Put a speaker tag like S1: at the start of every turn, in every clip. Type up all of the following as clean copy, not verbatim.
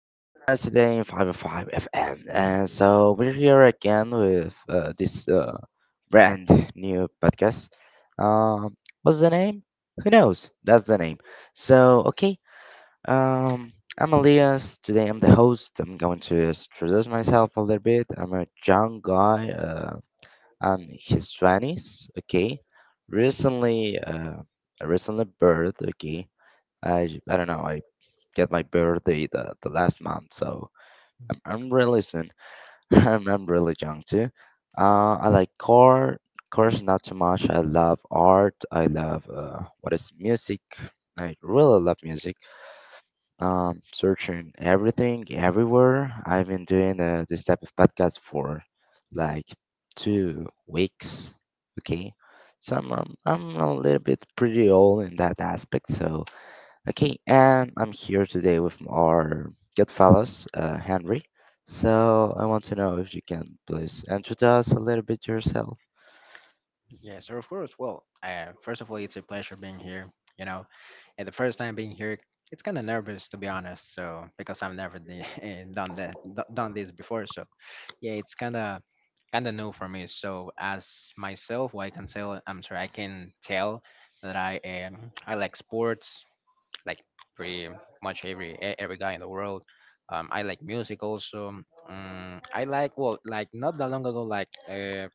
S1: for synchronized today in 505 FM. And so we're here again with this brand new podcast. Um, what's the name? Who knows? That's the name. So okay, um, I'm Elias. Today I'm the host. I'm going to introduce myself a little bit. I'm a young guy. I'm his twenties. Okay, recently uh, recently birth. Okay. I don't know. I get my birthday the last month, so I'm really soon. I'm really young too. I like course not too much. I love art. I love what is music. I really love music. Searching everything everywhere. I've been doing this type of podcast for like 2 weeks. Okay, so I'm a little bit pretty old in that aspect. So okay, and I'm here today with our good fellows, Henry. So I want to know if you can please introduce a little bit yourself.
S2: Yeah, so of course. Well, first of all, it's a pleasure being here. You know, and the first time being here, it's kind of nervous to be honest. So because I've never done this before. So yeah, it's kind of new for me. So as myself, what I can tell, I'm sorry, I can tell that I am. I like sports, like pretty much every every guy in the world. I like music also. I like well, like not that long ago, like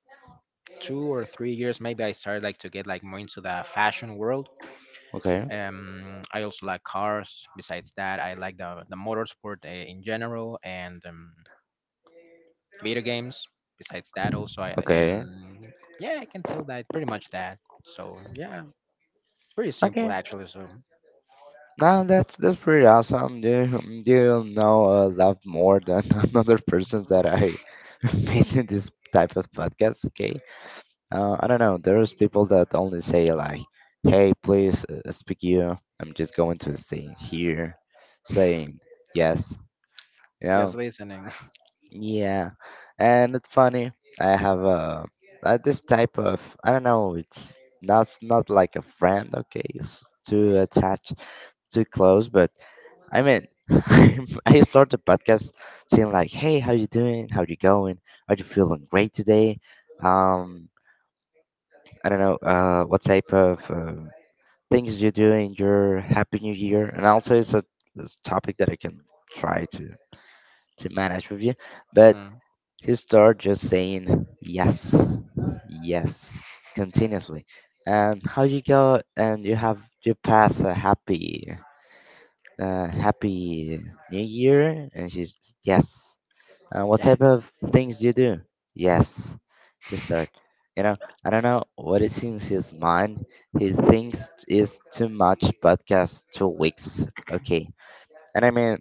S2: 2 or 3 years maybe, I started like to get like more into the fashion world.
S1: Okay.
S2: I also like cars. Besides that, I like the motorsport, in general, and video games besides that also I and
S1: Okay.
S2: yeah, I can tell that pretty much that. So yeah, pretty simple
S1: Okay.
S2: actually. So
S1: Now that's pretty awesome. Do you know a lot more than another person that I made in this type of podcast? Okay. I don't know. There's people that only say like, "Hey, please speak you." I'm just going to stay here, saying yes. You know,
S2: just listening.
S1: yeah. And it's funny. I have a this type of I don't know. It's not like a friend. Okay, it's too attached, too close. But I mean, I start the podcast saying like, "Hey, how you doing? How you going? Are you feeling great today?" Um. I don't know what type of things you do in your Happy New Year, and also it's a topic that I can try to manage with you. But
S2: Mm.
S1: you start just saying yes, yes, continuously, and how you go and you pass a happy New Year, and she's yes, what
S2: Yeah,
S1: type of things do you do? Yes, he start. You know, I don't know what is in his mind. He thinks is too much podcast 2 weeks. Okay. And I mean,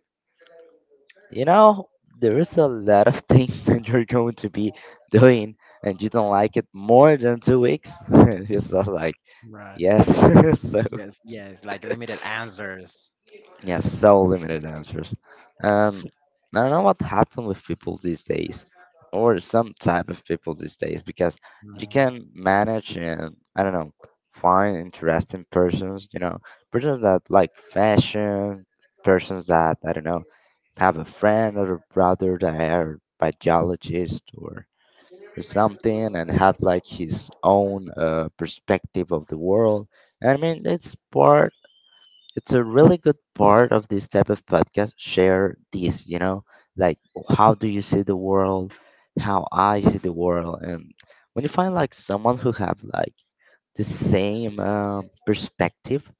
S1: you know, there is a lot of things that you're going to be doing and you don't like it more than 2 weeks. It's just like,
S2: right,
S1: yes. So
S2: yes, yes, like limited answers.
S1: yeah, so limited answers. Um, I don't know what happened with people these days, or some type of people these days, because you
S2: Mm.
S1: can manage and I don't know, find interesting persons. You know, persons that like fashion, persons that I don't know have a friend or a brother that are biologist or something, and have like his own perspective of the world. I mean, it's a really good part of this type of podcast share this like how do you see the world, how I see the world, and when you find like someone who have like the same perspective,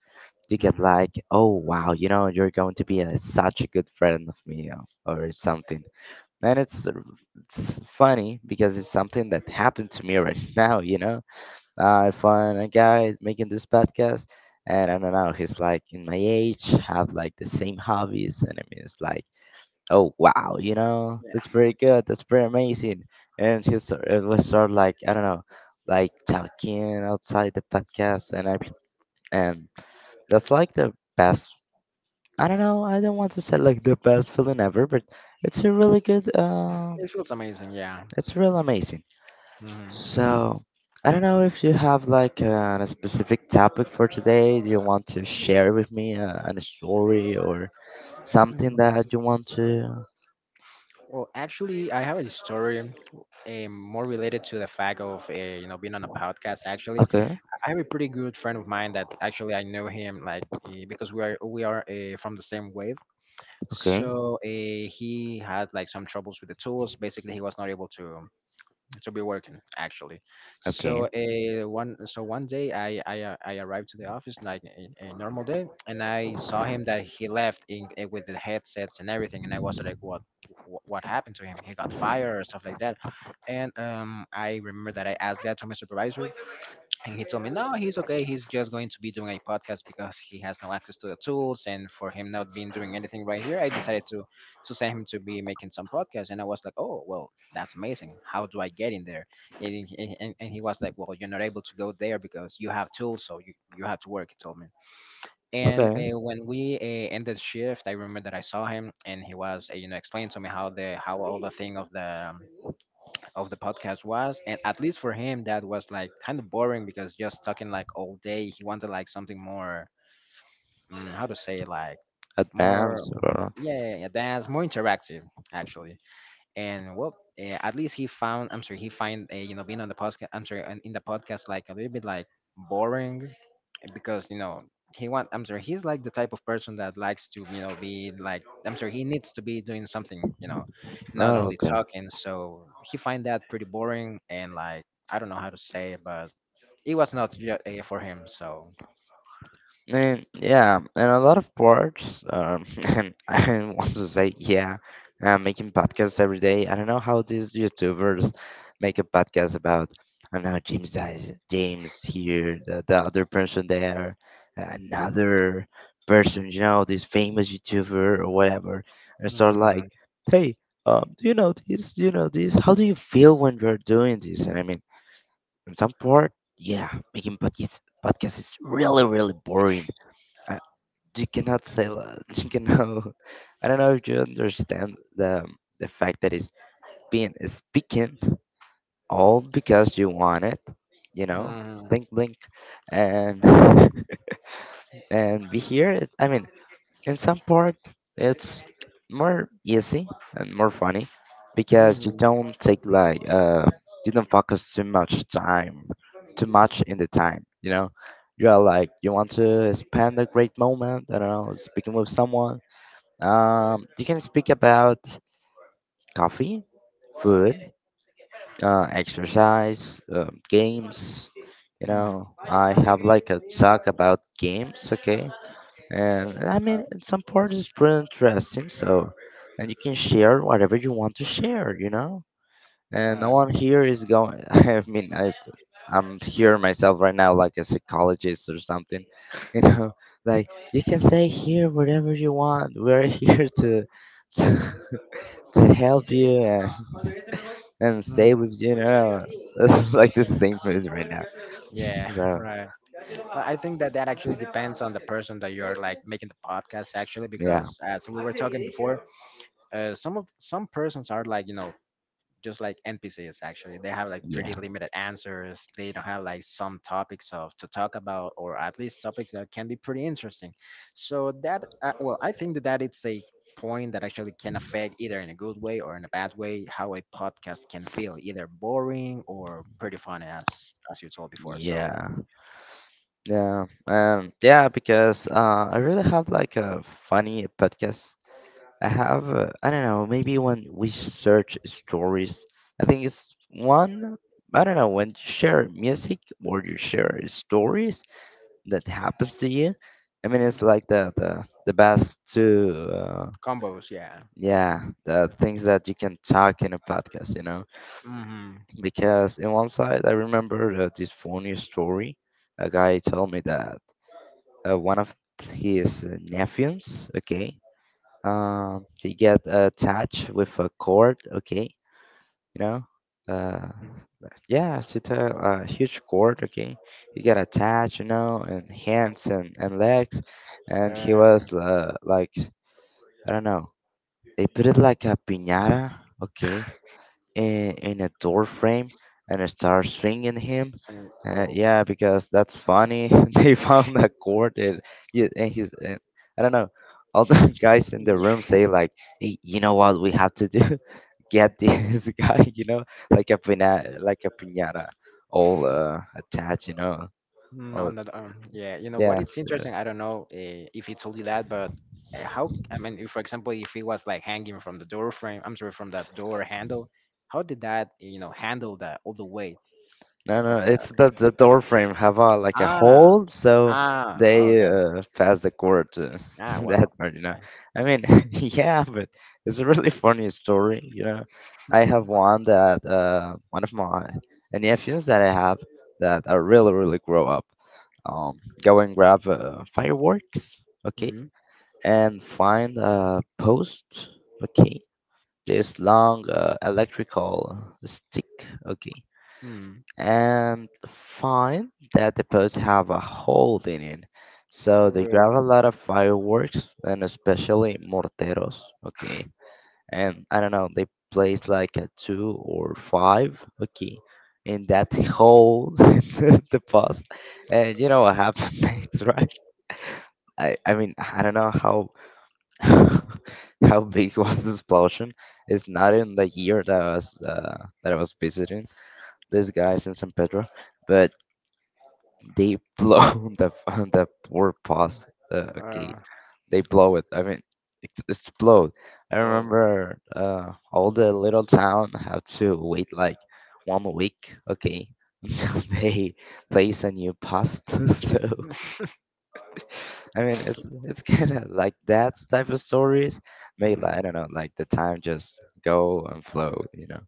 S1: you get
S2: Hmm.
S1: like, oh wow, you're going to be such a good friend of me, or something. And it's funny because it's something that happened to me right now, I find a guy making this podcast, and I don't know, he's like in my age, have like the same hobbies, and I mean, it's like, oh wow,
S2: Yeah,
S1: that's pretty good, that's pretty amazing. And he sort it was sort of like, I don't know, like talking outside the podcast, and that's like the best. I don't know, I don't want to say like the best feeling ever, but it's a really good,
S2: it feels amazing. Yeah.
S1: it's real amazing.
S2: Hmm.
S1: So, I don't know if you have like a specific topic for today. Do you want to share with me a story or something that
S2: Mm,
S1: you want to?
S2: Well, actually, I have a story, more related to the fact of being on a podcast. Actually,
S1: Okay,
S2: I have a pretty good friend of mine that actually I know him like, because we are from the same wave.
S1: okay,
S2: So he had like some troubles with the tools. Basically, he was not able to be working actually.
S1: okay,
S2: So a one so one day, I arrived to the office like a normal day, and I saw him that he left with the headsets and everything, and I was like, what happened to him? He got fired or stuff like that? And I remember that I asked that to my supervisor, and he told me, no, he's okay. He's just going to be doing a podcast because he has no access to the tools. And for him not being doing anything right here, I decided to send him to be making some podcasts. And I was like, oh, well, that's amazing. How do I get in there? And he was like, well, you're not able to go there because you have tools. So you have to work, he told me. And
S1: okay.
S2: when we ended shift, I remember that I saw him and he was, explaining to me how all the thing of the podcast was, and at least for him, that was like kind of boring because just talking like all day, he wanted like something more. How to say, like more.
S1: Advance or
S2: Yeah, yeah, yeah, that's more interactive actually. And well, at least he found I'm sorry he find, being on the podcast, I'm sorry, in the podcast, like a little bit like boring, because he want I'm sorry he's like the type of person that likes to be like, I'm sorry, he needs to be doing something, not
S1: no?
S2: only talking. So he find that pretty boring and like, I don't know how to say it, but it was not for him. So
S1: And yeah, and a lot of parts. And I want to say, yeah, I'm making podcasts every day. I don't know how these YouTubers make a podcast about. I don't know, James dies, James here, the other person there, another person. You know, this famous YouTuber or whatever, and start
S2: Mm-hmm.
S1: like, hey, do you know this? Do you know this? How do you feel when you're doing this? And I mean, in some part, yeah, making podcasts is really boring. You cannot say that. You know, I don't know if you understand the fact that it's being speaking all because you want it. You know,
S2: Hmm.
S1: blink, blink, and and be here. I mean, in some part, it's more easy and more funny because you
S2: Mm-hmm.
S1: don't take like you don't focus too much time, too much in the time. You know, you are like you want to spend a great moment. I don't know, speaking with someone, you can speak about coffee, food, exercise, games. You know, I have like a talk about games, okay? And I mean, in some part is pretty interesting. So, and you can share whatever you want to share, you know. And no
S2: Right.
S1: one here is going. I mean, I'm here myself right now, like a psychologist or something. You know, like you can say here whatever you want. We're here to to help you and
S2: Right.
S1: stay with you. You know, it's like the same phrase right now.
S2: Yeah,
S1: So
S2: right. I think that that actually depends on the person that you're like making the podcast actually,
S1: yeah,
S2: because as we were talking before, some persons are like, just like NPCs actually. They have like pretty
S1: yeah,
S2: limited answers. They don't have like some topics of to talk about, or at least topics that can be pretty interesting. So that, well, I think that that it's a point that actually can affect either in a good way or in a bad way how a podcast can feel either boring or pretty funny, as you told before. So
S1: yeah, yeah, yeah. Because I really have like a funny podcast. I have I don't know, maybe when we search stories, I think it's one. I don't know when you share music or you share stories that happens to you. I mean, it's
S2: Mm.
S1: like the best to
S2: Combos, yeah.
S1: yeah, the things that you can talk in a podcast, you know.
S2: Mm-hmm.
S1: Because in one side, I remember this funny story. A guy told me that one of his nephews, okay, they get attached with a cord, okay, you know. Uh, yeah, she tell a huge cord, okay. You get attached, you know, and hands and legs, and he
S2: Uh,
S1: was like, I don't know. They put it like a piñata, okay, in a door frame and start swinging him.
S2: so, oh,
S1: Yeah, because that's funny. they found a cord and, yeah, and he's, I don't know, all the guys in the room
S2: yeah.
S1: say like, "Hey, you know what we have to do? Get this guy, you know, like a pinata, all attached, you know." All,
S2: On that, yeah. You know what?
S1: yeah,
S2: It's interesting. I don't know if he told you that, but how? I mean, if, for example, if he was like hanging from the door frame, I'm sorry, from that door handle, how did that, you know, handle that all the way
S1: no, no,
S2: of that?
S1: it's that the door frame have a like a
S2: Ah,
S1: hole, so
S2: ah,
S1: they
S2: okay.
S1: pass the cord to
S2: Ah,
S1: to
S2: well.
S1: that part, you know. I mean, yeah, but it's a really funny story, you know. I have one that one of my nephews that I have that are really, really grow up. Go and grab fireworks, okay, and find a post, okay, this long electrical stick, okay,
S2: Mm-hmm.
S1: and find that the posts have a hole in it. So they grab
S2: Uh,
S1: a lot of fireworks and especially morteros, okay? And I don't know, they place like a two or five, okay, in that hole in the post. And you know what happened next, right? I mean, I don't know how how big was the explosion. It's not in the year that I was visiting this guys in San Pedro, but they blow the poor pass. Okay,
S2: uh,
S1: they blow it. I mean, it's explode. I
S2: oh,
S1: remember all the little town have to wait like 1 week. Okay, until they place a new past. So I mean, it's kind of like that type of stories. Maybe like, I
S2: mm,
S1: don't know, like the time just go and flow. You know,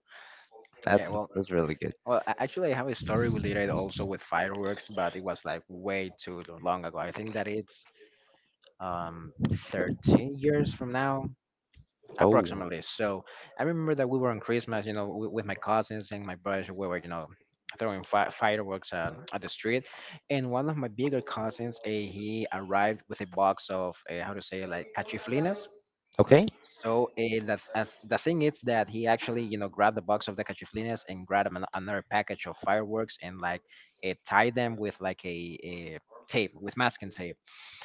S2: yeah.
S1: that's that's really good.
S2: Actually, I have a story related also with fireworks, but it was like way too long ago. I think that it's um 13 years from now,
S1: Oh,
S2: approximately. So I remember that we were on Christmas, with my cousins and my brothers. We were, throwing fireworks at the street, and one of my bigger cousins, he arrived with a box of, how to say, like cachiflinas.
S1: okay,
S2: So the thing is that he actually, grabbed the box of the cachiflines and grabbed another package of fireworks and like it, tied them with like a tape, with masking tape.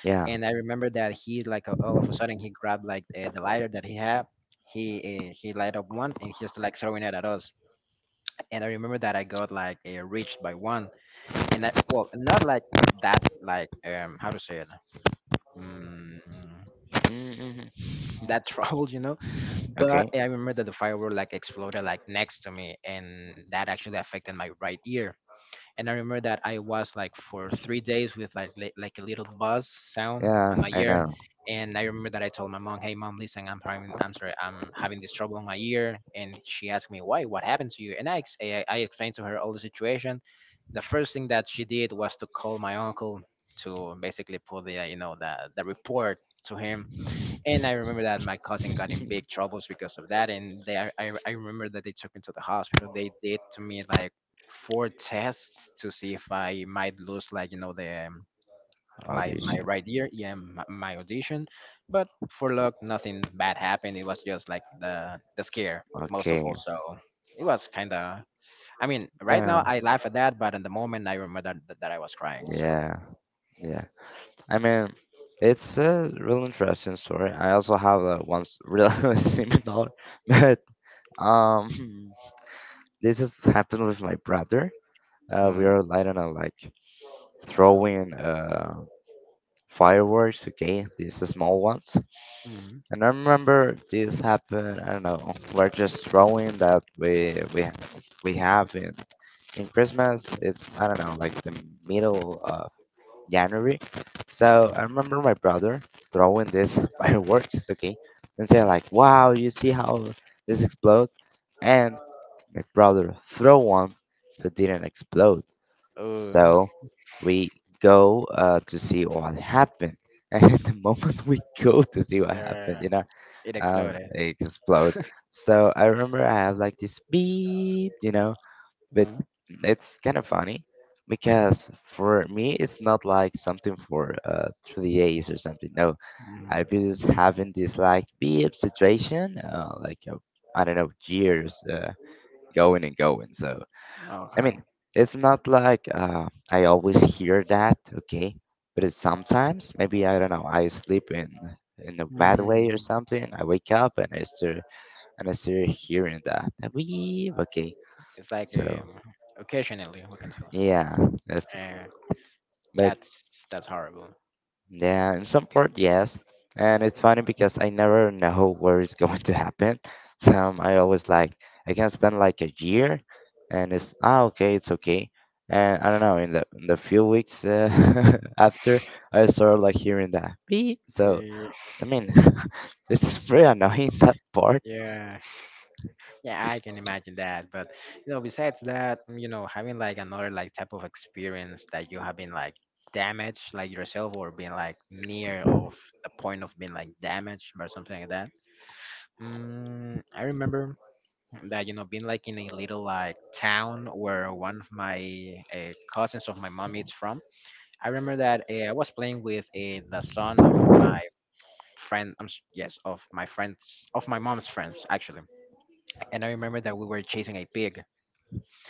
S1: yeah.
S2: And I remember that he like, all of a sudden he grabbed like, the lighter that he had. He he light up one and he's like throwing it at us. And I remember that I got like, reached by one. And I, well, not like that, like, um, how to say it. Mm,
S1: Hmm.
S2: that trouble, you know. But
S1: Okay.
S2: I remember that the firework like exploded like next to me, and that actually affected my right ear. And I remember that I was like for 3 days with like like a little buzz sound on
S1: Yeah,
S2: my
S1: I
S2: ear.
S1: know.
S2: And I remember that I told my mom, "Hey mom, listen, I'm having this trouble on my ear." And she asked me, "Why? What happened to you?" And I ex- eh, I explained to her all the situation. The first thing that she did was to call my uncle to basically put the, the report to him. And I remember that my cousin got in big troubles because of that. And they, I remember that they took me to the hospital. They did to me like four tests to see if I might lose, like, the, my
S1: Audition.
S2: right ear, yeah, my audition. But for luck, nothing bad happened. It was just like the scare most of
S1: Okay.
S2: all. So it was kind of. I mean, right
S1: Yeah.
S2: now I laugh at that, but in the moment I remember that, that I was crying. So.
S1: Yeah. Yeah. I mean, it's a real interesting story. I also have once real similar, but Um, this has happened with my brother. We
S2: Mm.
S1: are, I don't know, like throwing fireworks. Okay, these are small ones.
S2: Mm.
S1: And I remember this happened. I don't know. We're just throwing that we have in Christmas. It's I don't know, like the middle of January. So I
S2: Mm.
S1: remember my brother throwing this fireworks. Okay, and say like, "Wow, you see how this explode?" And my brother throw one, but didn't explode.
S2: Ooh.
S1: So we go to see what happened. And the moment we go to see what happened,
S2: uh,
S1: you know,
S2: it exploded.
S1: it explodes. So I remember I have like this beep, you know, but
S2: Mm-hmm.
S1: it's kind of funny because for me it's not like something for 3DS or something. No,
S2: Mm,
S1: I've been just having this like beep situation, like I don't know, years, going and going. So I
S2: okay.
S1: mean, it's not like I always hear that, okay? But it's sometimes, maybe I don't know, I sleep in a bad way or
S2: Mm,
S1: something. I wake up and I still hearing that. Weave, okay.
S2: it's like,
S1: So
S2: occasionally we can tell.
S1: yeah, that's,
S2: Uh,
S1: but
S2: that's that's horrible.
S1: yeah, in some part, yes. And it's funny because I never know where it's going to happen. So I always like, I can spend like a year and it's, ah, okay, it's okay. And I don't know, in the few weeks, after, I started like hearing that beep. So,
S2: Uh,
S1: I mean, it's pretty annoying that part.
S2: yeah, yeah, I can
S1: It's
S2: imagine that. But besides that, having like another like type of experience that you have been like damaged, like yourself, or being like near of the point of being like damaged or something like that. I remember that, being like in a little like town where one of my, cousins of my mom is from. I remember that, I was playing with, the son of my friend. Yes, of my friends, of my mom's friends, actually. And I remember that we were chasing a pig.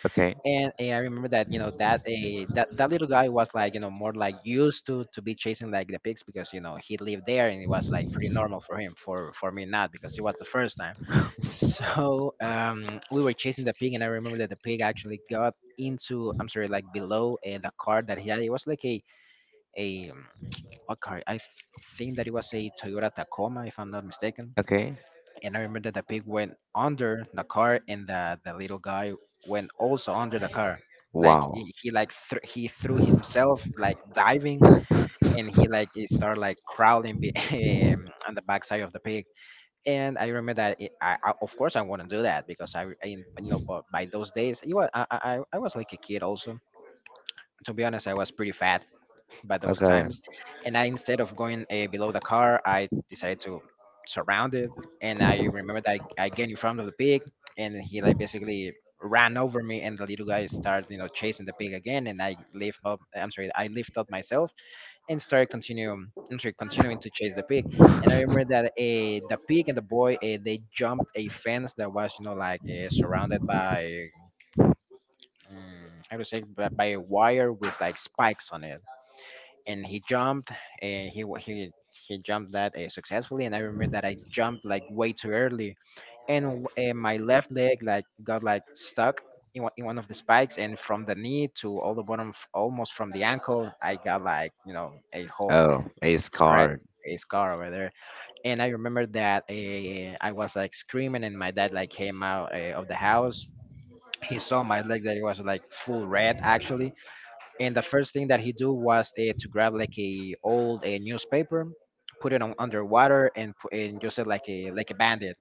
S1: okay,
S2: And, I remember that, that that little guy was like, more like used to be chasing like the pigs, because he lived there and it was like pretty normal for him, for me not, because it was the first time. So we were chasing the pig and I remember that the pig actually got into I'm sorry like below, the car that he had. It was like a what car? I think that it was a Toyota Tacoma, if I'm not mistaken.
S1: okay,
S2: And I remember that the pig went under the car, and the little guy went also under the car. Like
S1: wow.
S2: he, he like thr he threw himself, like diving, and he like it started like crawling on the backside of the pig. And I remember that it, I of course I wouldn't do that, because I but by those days it was, I was like a kid also. To be honest, I was pretty fat, by those
S1: Okay.
S2: times. And instead of going, below the car, I decided to surround it. And I remember that I get in front of the pig, and he like basically ran over me, and the little guy started, chasing the pig again. And I lift up myself, and started continuing to chase the pig. And I remember that the pig and the boy, they jumped a fence that was, you know, like surrounded by, I would say, by a wire with like spikes on it, and he jumped, and he wa- he jumped that successfully. And I remember that I jumped like way too early, and my left leg like got like stuck in one of the spikes, and from the knee to all the bottom almost from the ankle, I got like, you know, a whole
S1: Oh, a
S2: scratch,
S1: card.
S2: a scar over there. And I remember that I was like screaming, and my dad like came out of the house. He saw my leg that it was like full red actually, and the first thing that he do was to grab like a old a newspaper, put it on underwater and put and just it like a bandit,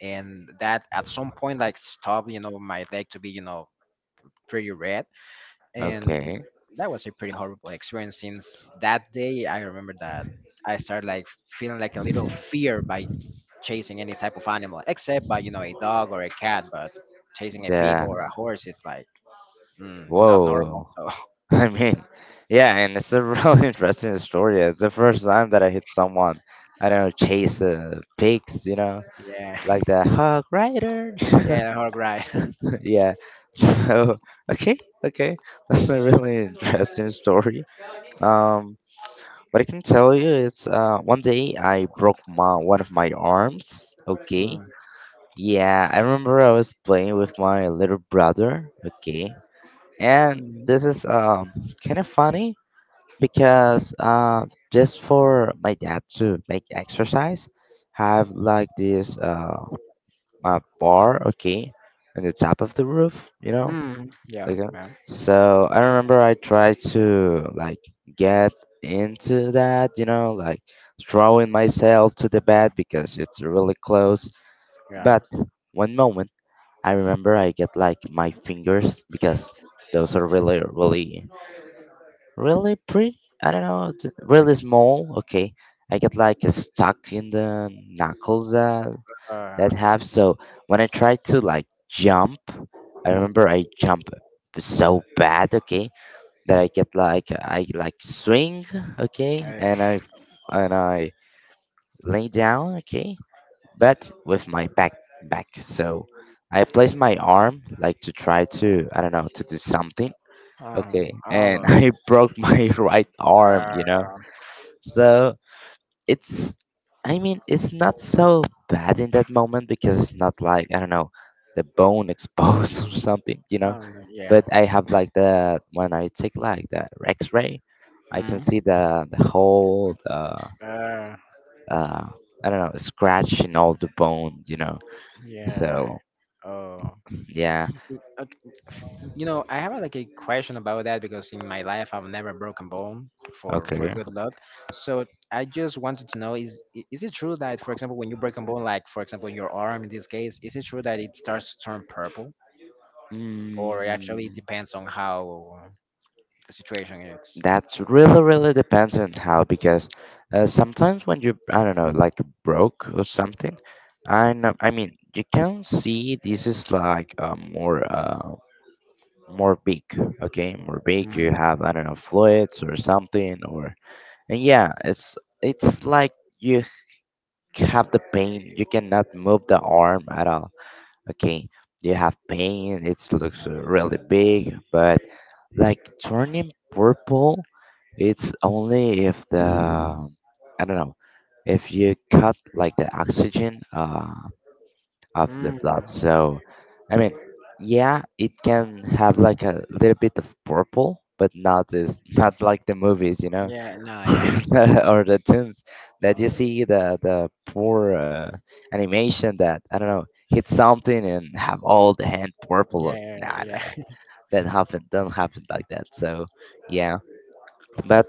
S2: and that at some point like stopped, you know, my leg to be, you know, pretty red. And
S1: Okay.
S2: that was a pretty horrible experience. Since that day, I remember that I started like feeling like a little fear by chasing any type of animal except by, you know, a dog or a cat. But chasing a pig
S1: Yeah.
S2: or a horse is like, not normal.
S1: Whoa.
S2: So
S1: I mean, yeah, and it's a really interesting story. It's the first time that I hit someone. I don't know, chase pigs, you know,
S2: yeah,
S1: like the hog rider.
S2: yeah, the whole ride.
S1: Yeah. So okay, okay, that's a really interesting story. Um, what I can tell you is, one day I broke my one of my arms. Okay.
S2: Mm,
S1: Yeah, I remember I was playing with my little brother. Okay, and
S2: mm,
S1: this is kind of funny because just for my dad to make exercise, have like this bar, okay, on the top of the roof, you know,
S2: mm, yeah,
S1: like
S2: yeah,
S1: so. I remember I tried to like get into that, you know, like throwing myself to the bed because it's really close.
S2: yeah.
S1: But one moment, I remember I get like my fingers because those are really really really pretty. I don't know, really small. Okay, I get like stuck in the knuckles that
S2: Uh,
S1: have. So when I try to like jump, I remember I jump so bad. Okay, that I get like I like swing. Okay,
S2: eh,
S1: and I lay down. Okay, but with my back back. So I place my arm like to try to I don't know to do something,
S2: um,
S1: okay, and
S2: oh,
S1: I broke my right arm, you know,
S2: uh,
S1: so it's, I mean, it's not so bad in that moment because it's not like, I don't know, the bone exposed or something, you know,
S2: no, no, yeah.
S1: but I have like the, when I take like the x-ray, I can
S2: Mm,
S1: see the whole the
S2: uh,
S1: uh I don't know scratch in all the bone, you know,
S2: yeah.
S1: so
S2: Oh,
S1: yeah,
S2: Y- ok- f- you know, I have like a question about that, because in my life I've never broken bone, for
S1: okay.
S2: good luck. So I just wanted to know, is it true that, for example, when you break a bone, like for example in your arm in this case, is it true that it starts to turn purple, or it actually
S1: mm,
S2: depends on how the situation is?
S1: That's really, really depends on how because sometimes when you I don't know like broke or something, I know, I mean, you can see this is like more more big, okay, more big, you
S2: Mm,
S1: have I don't know fluids or something, or and yeah, it's like you have the pain, you cannot move the arm at all, okay, you have pain, it looks really big, but like turning purple, it's only if the, I don't know, if you cut like the oxygen of the blood,
S2: mm.
S1: so I mean, yeah, it can have like a little bit of purple, but not as not like the movies, you know,
S2: Yeah, no, yeah,
S1: or the tunes that you see the poor animation that I don't know hit something and have all the hand purple,
S2: yeah,
S1: nah, nah,
S2: yeah.
S1: nah. That happened, don't happen like that, so yeah. But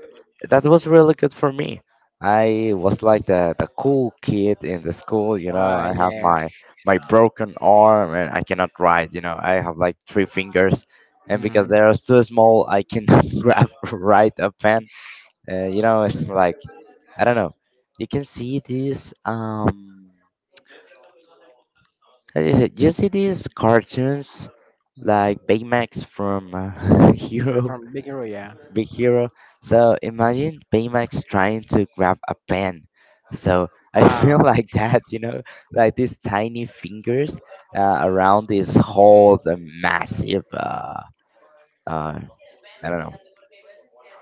S1: that was really good for me, I was like the cool kid in the school, you know,
S2: Ah,
S1: I have
S2: yeah.
S1: my broken arm, and I cannot ride, you know, I have like three fingers, and because
S2: Mm.
S1: they are so small I cannot grab right a pen. You know, it's like, I don't know, you can see these, how do you say, you see these cartoons
S2: Mm.
S1: like Baymax from
S2: They're
S1: hero,
S2: From Big Hero, yeah.
S1: big hero. So imagine Baymax trying to grab a pen. So I feel
S2: Ah,
S1: like that, you know, like these tiny fingers around this whole massive, uh, I don't know,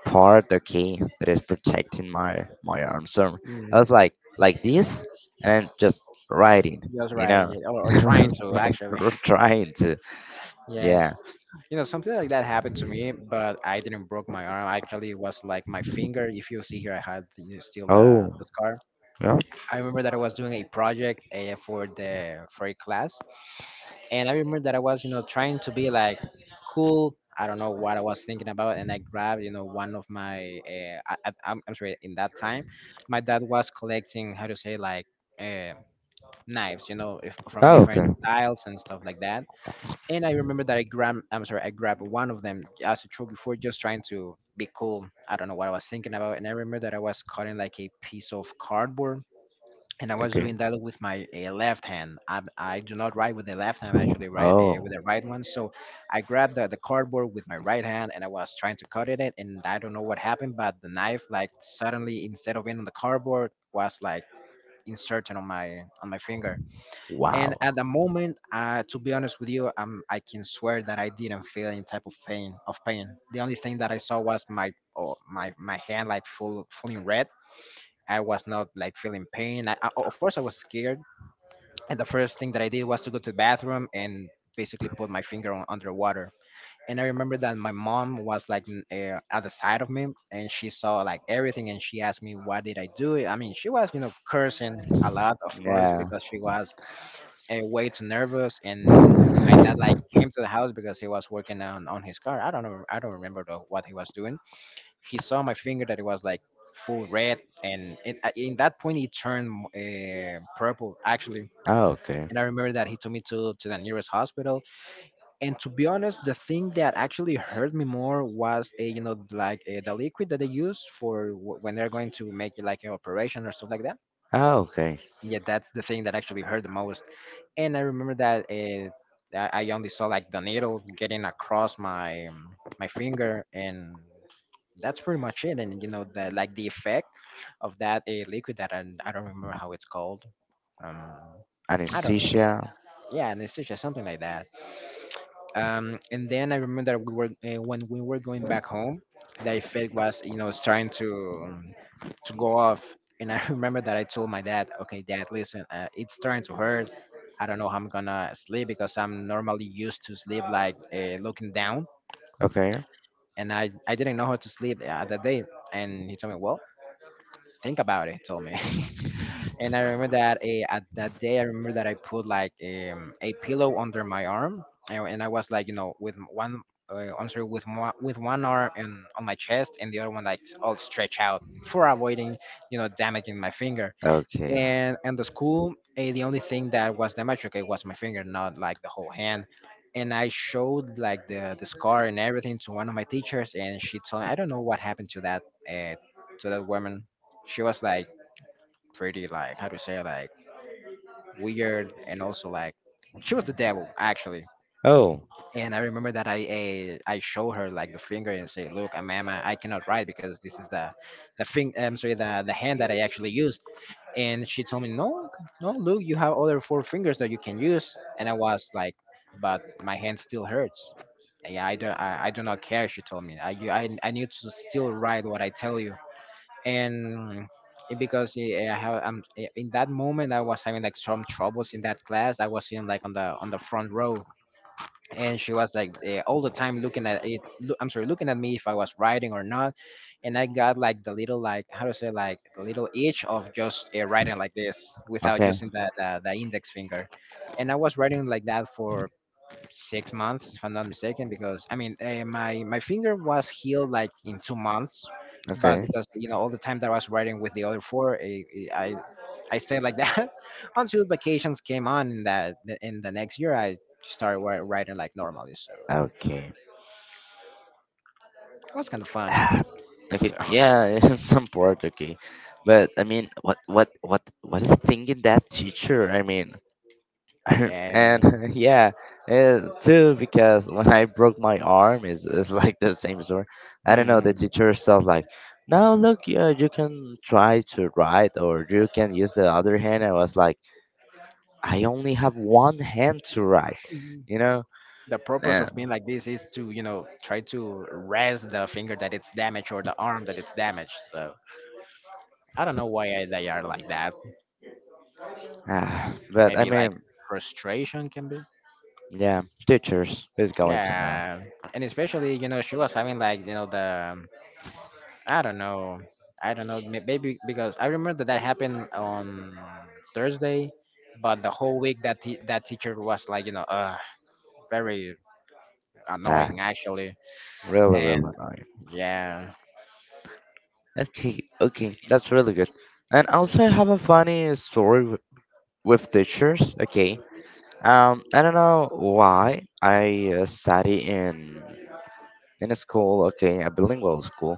S1: part. Okay, that is protecting my arm. So I
S2: mm.
S1: was like this, and then just writing,
S2: Just
S1: you
S2: riding
S1: know.
S2: it, or
S1: I
S2: trying
S1: was
S2: to
S1: like,
S2: actually.
S1: trying to,
S2: Yeah,
S1: yeah.
S2: you know, something like that happened to me, but I didn't broke my arm. Actually, it was like my finger. If you see here, I had, you know, still
S1: Oh,
S2: the scar.
S1: yeah.
S2: I remember that I was doing a project for the for a class. And I remember that I was, you know, trying to be like cool. I don't know what I was thinking about, and I grabbed, you know, one of my. I- I'm sorry. In that time, my dad was collecting how to say like uh, knives, you know, if, from
S1: Oh, okay,
S2: different styles and stuff like that. And I remember that I grabbed. I'm sorry. I grabbed one of them as a troll before, just trying to be cool. I don't know what I was thinking about, and I remember that I was cutting like a piece of cardboard, and I was
S1: okay.
S2: doing that with my left hand. I do not write with the left hand, I actually write
S1: Oh,
S2: with the right one. So I grabbed the cardboard with my right hand and I was trying to cut it, and I don't know what happened, but the knife, like suddenly, instead of being on the cardboard, was like inserted on my finger. And
S1: wow.
S2: at the moment, to be honest with you, I can swear that I didn't feel any type of pain. Of pain. The only thing that I saw was my my hand like full full in red. I was not like feeling pain. I, of course, I was scared, and the first thing that I did was to go to the bathroom and basically put my finger on underwater. And I remember that my mom was like at the side of me, and she saw like everything, and she asked me, why did I do it? I mean, she was, you know, cursing a lot, of course,
S1: Yeah.
S2: because she was way too nervous. And my dad like
S1: Oh,
S2: came to the house because he was working on his car. I don't know, I don't remember what he was doing. He saw my finger that it was like full red, and it, in that point it turned purple actually,
S1: okay.
S2: and I remember that he took me to the nearest hospital. And to be honest, the thing that actually hurt me more was, a, you know, like the liquid that they use for when they're going to make like an operation or stuff like that.
S1: Oh, okay.
S2: Yeah, that's the thing that actually hurt the most. And I remember that I only saw like the needle getting across my my finger, and that's pretty much it. And you know, the like the effect of that liquid that I don't remember how it's called. Um, I don't.
S1: Anesthesia.
S2: Yeah, anesthesia, something like that. And then I remember that we were when we were going back home, the effect was, you know, was trying to go off, and I remember that I told my dad, okay, dad, listen, it's starting to hurt. I don't know how I'm gonna sleep, because I'm normally used to sleep like looking down,
S1: Okay.
S2: and I didn't know how to sleep that day. And he told me, well, think about it. Told me. And I remember that at that day, I remember that I put like a pillow under my arm, and I was like, you know, I'm sorry, with one arm and on my chest, and the other one like all stretched out for avoiding, you know, damaging my finger.
S1: Okay.
S2: And the school, the only thing that was damaged, okay, was my finger, not like the whole hand. And I showed like the scar and everything to one of my teachers, and she told me, I don't know what happened uh, to that woman. She was like pretty like how to say like weird, and also like she was the devil actually.
S1: Oh,
S2: And I remember that I show her like the finger and say, "Look, ma'am, I cannot write because this is the thing. I'm sorry, the hand that I actually use." And she told me, "No, no, look, you have other four fingers that you can use." And I was like, "But my hand still hurts." Yeah, I do. I do not care. She told me. I need to still write what I tell you. And because yeah, I have in that moment I was having like some troubles in that class. I was in like on the front row, and she was like all the time looking at it. I'm sorry, looking at me if I was writing or not, and I got like the little, like how to say, like the little itch of just writing like this without
S1: okay.
S2: using the index finger, and I was writing like that for 6 months, if I'm not mistaken, because I mean, my my finger was healed like in 2 months, but
S1: Okay.
S2: because you know all the time that I was riding with the other four, I stayed like that until vacations came on. In that in the next year, I riding like normally, so
S1: Ah, okay.
S2: it was kind of funny.
S1: Ah, okay.
S2: So
S1: Yeah, some part. Okay. But I mean, what is thinking that teacher? I mean, and
S2: yeah.
S1: yeah, too because when I broke my arm, is like the same story. I don't know. The
S2: Hmm.
S1: teacher says like, now look, yeah, you can try to write or you can use the other hand. I was like. I only have one hand to write, you know.
S2: The purpose
S1: And,
S2: of being like this is to, you know, try to rest the finger that it's damaged or the arm that it's damaged. So I don't know why they are like that.
S1: ah, but I
S2: Maybe like
S1: mean,
S2: frustration can be.
S1: yeah, teachers is going to know.
S2: Yeah, and especially you know she was having like, you know, the, I don't know, I don't know, maybe because I remember that that happened on Thursday, but the whole week that that teacher was like, you know, very
S1: Ah,
S2: annoying actually,
S1: really, really
S2: and
S1: annoying.
S2: yeah,
S1: Okay, okay, that's really good. And also, I have a funny story with teachers. Okay, I don't know why I study in a school. Okay, a bilingual school.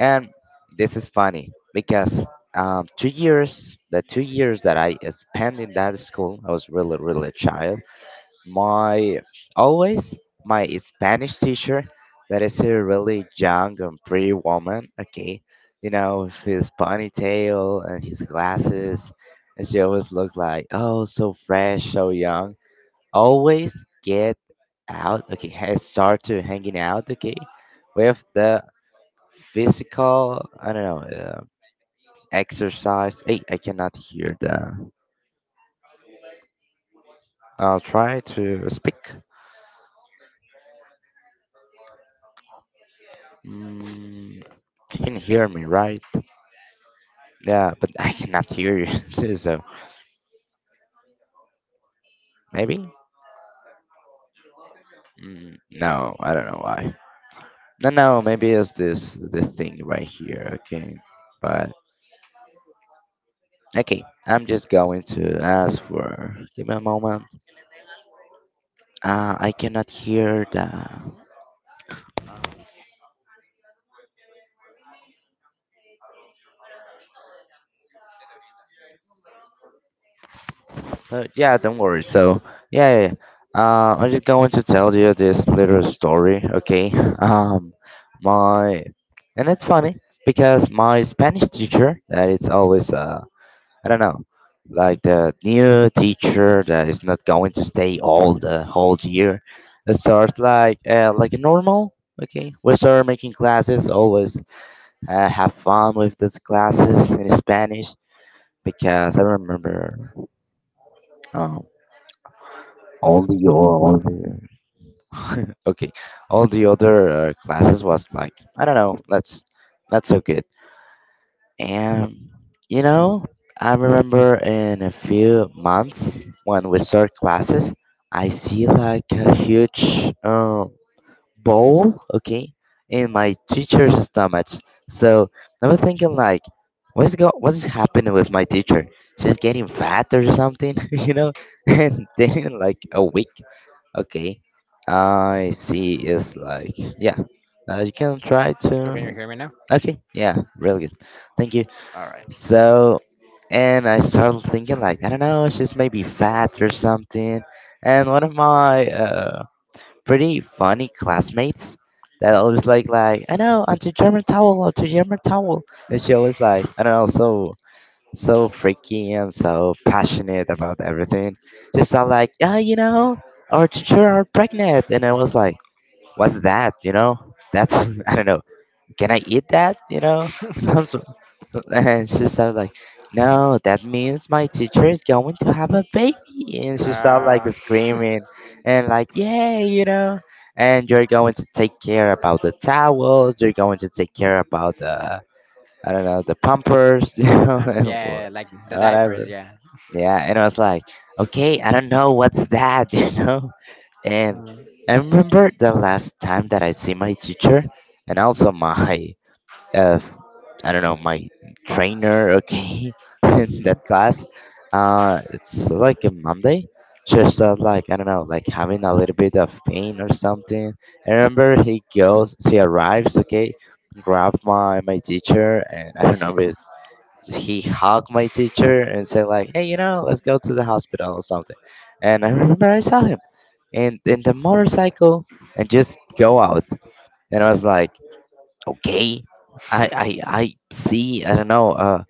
S1: And this is funny because 2 years, the 2 years that I spent in that school, I was really, really a child. My always my Spanish teacher, that is a really young and pretty woman. Okay, you know with his ponytail and his
S2: mm,
S1: glasses, and she
S2: yeah,
S1: always looked like oh so fresh, so young. Always get out. Okay, start to hanging out. Okay, with the physical, I don't know,
S2: like the PE teacher.
S1: exercise. Hey, I cannot hear that. I'll try to speak.
S2: Can you hear me?
S1: Mm, you can hear me, right?
S2: Yeah, I can hear you.
S1: Yeah, but I cannot hear you too, so
S2: Mm,
S1: maybe,
S2: no,
S1: mm, no, I don't know why. No, maybe it's this thing right here, okay? But okay, I'm just going to ask for, give me a moment. I cannot hear that.
S2: the Dorita.
S1: So yeah, don't worry. So yeah, yeah, yeah. I'm just going to tell you this little story, okay? Um, my And it's funny because my Spanish teacher that is always I don't know like the new teacher that is not going to stay all the whole year. It starts like a normal. Okay, we start
S2: Yeah.
S1: making classes. Always have fun with these classes in Spanish because I remember.
S3: uh,
S1: um,
S3: all the okay, all the other classes was like, I don't know, that's not so good. And you know, I remember in a few months when we start classes, I see like a huge bowl, okay, in my
S2: Oh.
S3: teacher's stomach. So I was thinking like, what's happening with my teacher? She's getting fat or something. You know, and then in like a week. Okay, I see. It's like, yeah, you can try
S2: So can you
S3: to.
S2: hear me now?
S3: Okay, yeah, really good. Thank you.
S2: All right.
S3: So, and I started thinking, like, I don't know, she's maybe fat or something. And one of my pretty funny classmates that always like, I know, anti German towel, anti German towel. And she always like, I don't know, so so freaky and so passionate about everything. Just sound like, yeah, our teacher are pregnant, and I was like, what's that? That's I don't know. Can I eat that? You know, sounds. And she sounded like, no, that means my teacher is going to have a baby, and she sounded like
S2: uh,
S3: screaming and like, yay, you know. And you're going to take care about the towels. You're going to take care about the I don't know, the Pampers,
S2: the pamp,
S3: and wha-
S2: yeah, like the diapers,
S3: whatever.
S2: yeah.
S3: Yeah, and I was like, okay, I don't know what's that, you know. And
S2: Mm,
S3: I remember the last time that I see my teacher, and also my uh, I don't know, my trainer, okay, in
S2: mm,
S3: that class. It's like a Monday. She started like I don't know, like having a little bit of pain or something. I remember he goes, she arrives, okay, grab my teacher, and I don't know if it's- he hugged my teacher and said like, hey, you know, let's go to the hospital or something. And I remember I saw him in the motorcycle and just go out. And I was like, okay. I see. I don't know.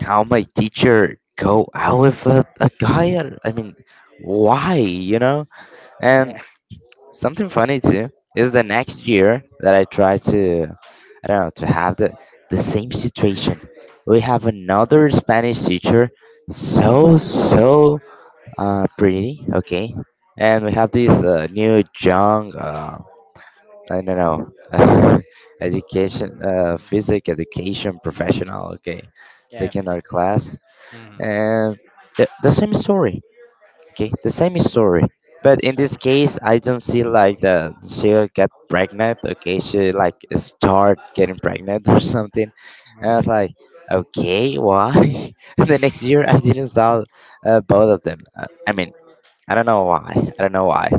S3: How my teacher go out with a guy? Or- I mean, why? You know. And
S2: yeah.
S3: something funny too is the next year that I try to, I don't know, to have the same situation. We have another Spanish teacher, so pretty. Okay. And we have this new young. I don't know. Education,
S2: Mm,
S3: physics education professional. Okay,
S2: yeah,
S3: taking
S2: fishing.
S3: our class
S2: Mm,
S3: and the same story. Okay, the same story. But in
S2: so,
S3: this case, I don't see like the she get pregnant. Okay, she like start getting pregnant or something. And I was
S2: mm,
S3: like, okay, why? And the next year, I didn't saw both of them. I mean, I don't know why. I don't know why.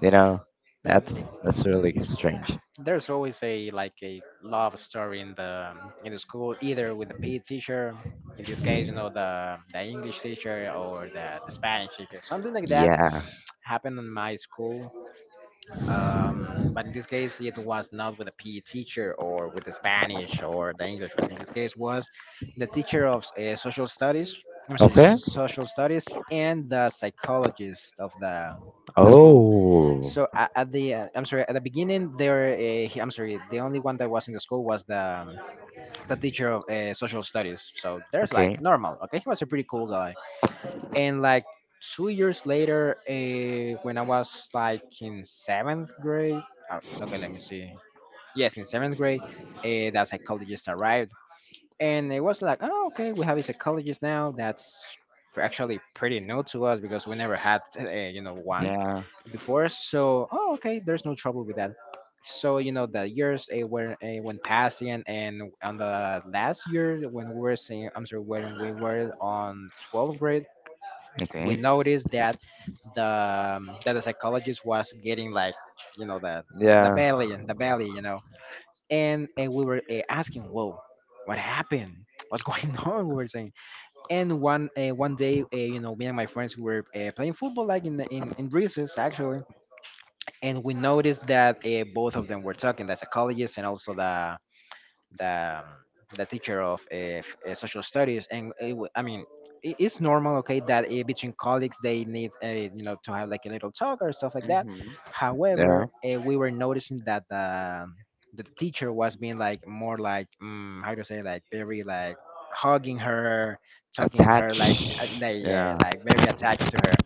S3: You know,
S2: yeah,
S3: that's really strange.
S2: there's always a like a love story in the school, either with the PE teacher, in this case, you know, the English teacher or the Spanish teacher, something like that
S3: Yeah.
S2: happened in my school. But in this case, it was not with a PE teacher or with the Spanish or the English, but in this case was the teacher of social studies, I'm sorry,
S3: Okay.
S2: social studies, and the psychologist of the school.
S3: Oh.
S2: So at the at the beginning the only one that was in the school was um, the teacher of social studies. So there's like
S3: Okay.
S2: normal. Okay, he was a pretty cool guy, and like 2 years later when I was like in seventh grade. Okay, let me see. Yes, in seventh grade, that psychologist arrived, and it was like, oh okay, we have a psychologist now. That's actually pretty new to us because we never had, you know, one
S3: Yeah.
S2: before. So oh okay, there's no trouble with that. So you know, the years were went passing, and on the last year when we were on 12th grade, we
S3: Okay.
S2: noticed the that the psychologist was getting like, you know, the the
S3: Yeah.
S2: belly the belly you know. And we were asking, whoa, what happened, what's going on, we were saying. And one day, you know, me and my friends were playing football like in, the- in recess actually, and we noticed that both of them were talking, the psychologist and also the um, the teacher of social studies. And I mean, it's normal, okay, that between colleagues they need, you know, to have like a little talk or stuff like that.
S3: Mm-hmm.
S2: However,
S3: Yeah.
S2: we were noticing that the teacher was being like more like, how to say, like very like hugging her, talking her
S3: Attach.
S2: like like, yeah,
S3: Yeah.
S2: like very attached to her.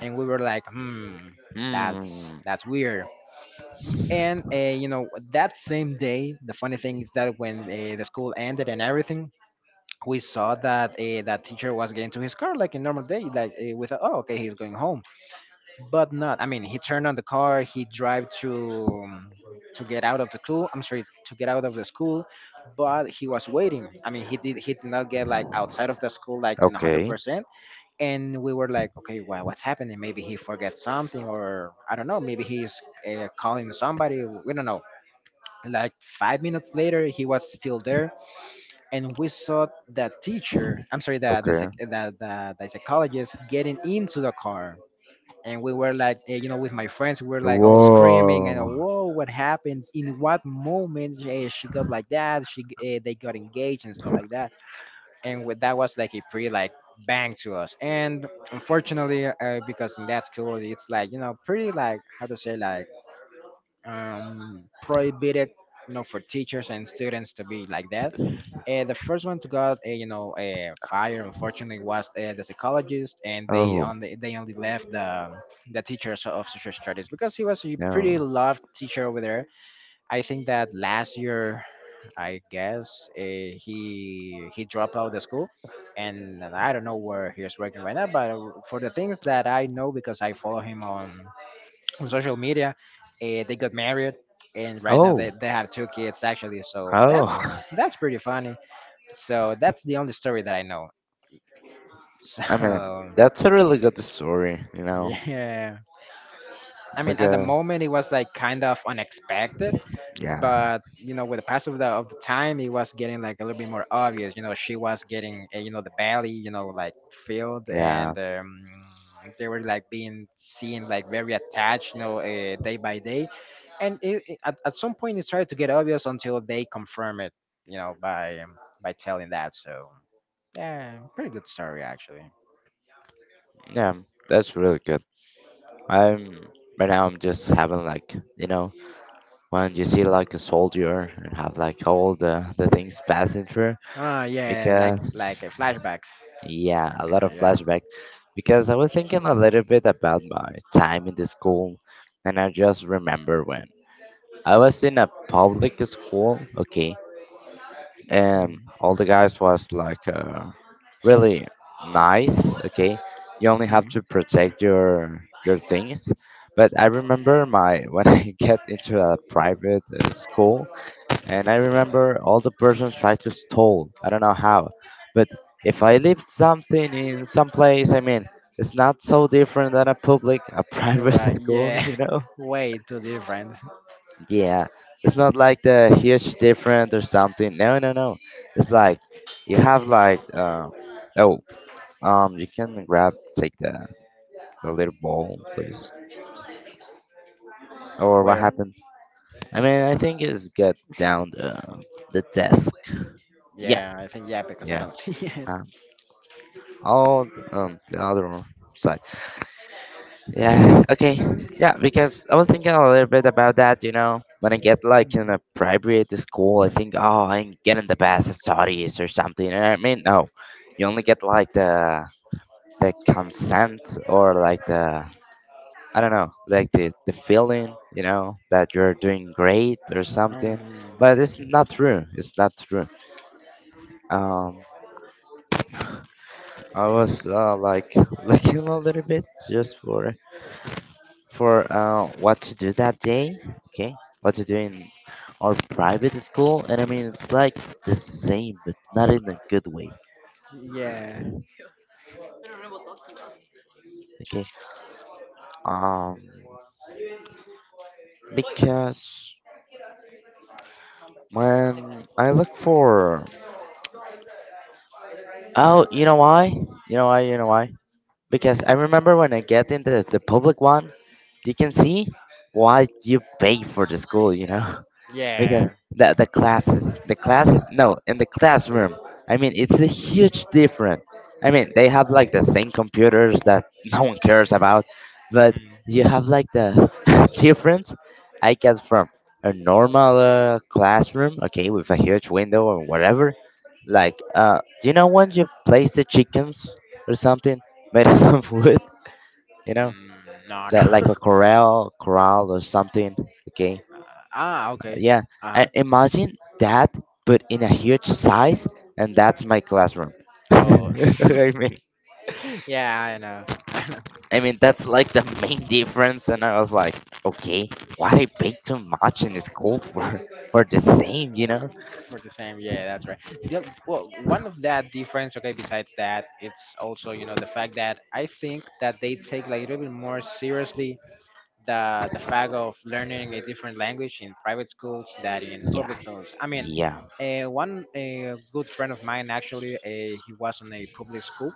S2: And we were like, hmm, that's
S3: Hmm.
S2: that's weird. And you know, that same day, the funny thing is that when the school ended and everything, we saw that that teacher was getting to his car like a normal day. Like we thought, oh okay, he's going home. But not, I mean, he turned on the car, he drive to get out of the school, but he was waiting. I mean, he did, he did not get like outside of the school like in
S3: Okay.
S2: 100%. And we were like, okay, well, what's happening? Maybe he forgets something, or I don't know, maybe he's calling somebody, we don't know. Like 5 minutes later, he was still there, and we saw that that
S3: Okay.
S2: the psychologist getting into the car. And we were like, eh, you know, with my friends, we were like all screaming and,
S3: Whoa.
S2: whoa, what happened? In what moment she got like that? She they got engaged and stuff like that. That was like a pretty like bang to us. And unfortunately, because in that school, it's like, you know, pretty, like how to say, like prohibited, you know, for teachers and students to be like that, the first one to got, you know, fired unfortunately was the psychologist, and they
S3: Oh
S2: only left the teacher of social studies because he was a pretty
S3: no.
S2: loved teacher over there. I think that last year, I guess, he dropped out of the school. And I don't know where he's working right now, but for the things that I know, because I follow him on social media. They got married, and right now
S3: Oh.
S2: they have two kids actually. So
S3: Oh.
S2: that's pretty funny. So that's the only story that I know.
S3: I mean,
S2: So
S3: that's a really good story. You know,
S2: yeah, I mean at the
S3: because
S2: moment it was like kind of unexpected.
S3: yeah,
S2: But you know, with the pass of the time, it was getting like a little bit more obvious, you know. She was getting, you know, the belly, you know, like filled,
S3: yeah,
S2: and they were like being seen like very attached, you know, day by day. And at some point it started to get obvious until they confirm it, you know, by telling that. So yeah, pretty good story actually.
S3: yeah. That's really good. I'm right now. I'm just having like you know when you see like a soldier and have like all the things passing through
S2: Ah yeah,
S3: because
S2: like flashbacks.
S3: yeah a lot of
S2: Yeah.
S3: flashback, because I was thinking a little bit about my time in the school, and I just remember when I was in a public school, okay, and all the guys was like really nice, okay. You only have
S2: Hmm.
S3: to protect your things. But I remember my when I get into a private school, and I remember all the persons tried to stole. I don't know how, but if I leave something in some place, I mean, it's not so different than a public, a
S2: You're
S3: private
S2: right.
S3: school,
S2: Yeah.
S3: you know?
S2: Way too different.
S3: Yeah, it's not like the huge difference or something. No, no, no. It's like you have like oh, um, you can grab take the little ball please. Or what
S2: Where?
S3: happened? I mean I think it's get down the desk. Yeah,
S2: Yeah, I think, yeah, because I
S3: yeah.
S2: don't see it.
S3: Um, oh, the other side. Yeah, okay. Yeah, because I was thinking a little bit about that, you know. When I get like in
S2: Mm.
S3: a private school, I think, oh, I'm getting the best studies or something. You know what I mean? No, you only get like the consent or like the I don't know, like the feeling, you know, that you're doing great or
S2: Um,
S3: something. But it's not true. It's not true. Um, I was like looking a little bit just for what to do that day, okay? What to do in our private school, and I mean it's like the same, but not in a good way,
S2: yeah.
S3: okay? Um, because when I look for, oh, you know why? You know why? You know why? Because I remember when I get in the public one, you can see why you pay for the school, you know? Because
S2: Yeah.
S3: the classes no in the classroom, I mean it's a huge difference. I mean they have like the same computers that no one cares about, but
S2: Hmm.
S3: you have like the difference. I get from a normal classroom, okay, with a huge window or whatever, like do you know when you place the chickens or something made out of wood, you know,
S2: Mm, no,
S3: that like
S2: no.
S3: a corral corral or something, okay.
S2: Ah, okay.
S3: Yeah,
S2: Uh
S3: and imagine that, but in a huge size, and that's my classroom.
S2: huh. Oh,
S3: I mean,
S2: yeah, I know. I know.
S3: I mean
S2: Well,
S3: that's like the main difference. And I was like, okay, why I pay too much in school for the same, you know?
S2: for the same, yeah, that's right. Well, one of that difference, okay. Besides that, it's also, you know, the fact that I think that they take like a little bit more seriously the fact of learning a different language in private schools than in
S3: Yeah,
S2: public schools. I mean,
S3: yeah,
S2: one, a good friend of mine actually, he was in a public school,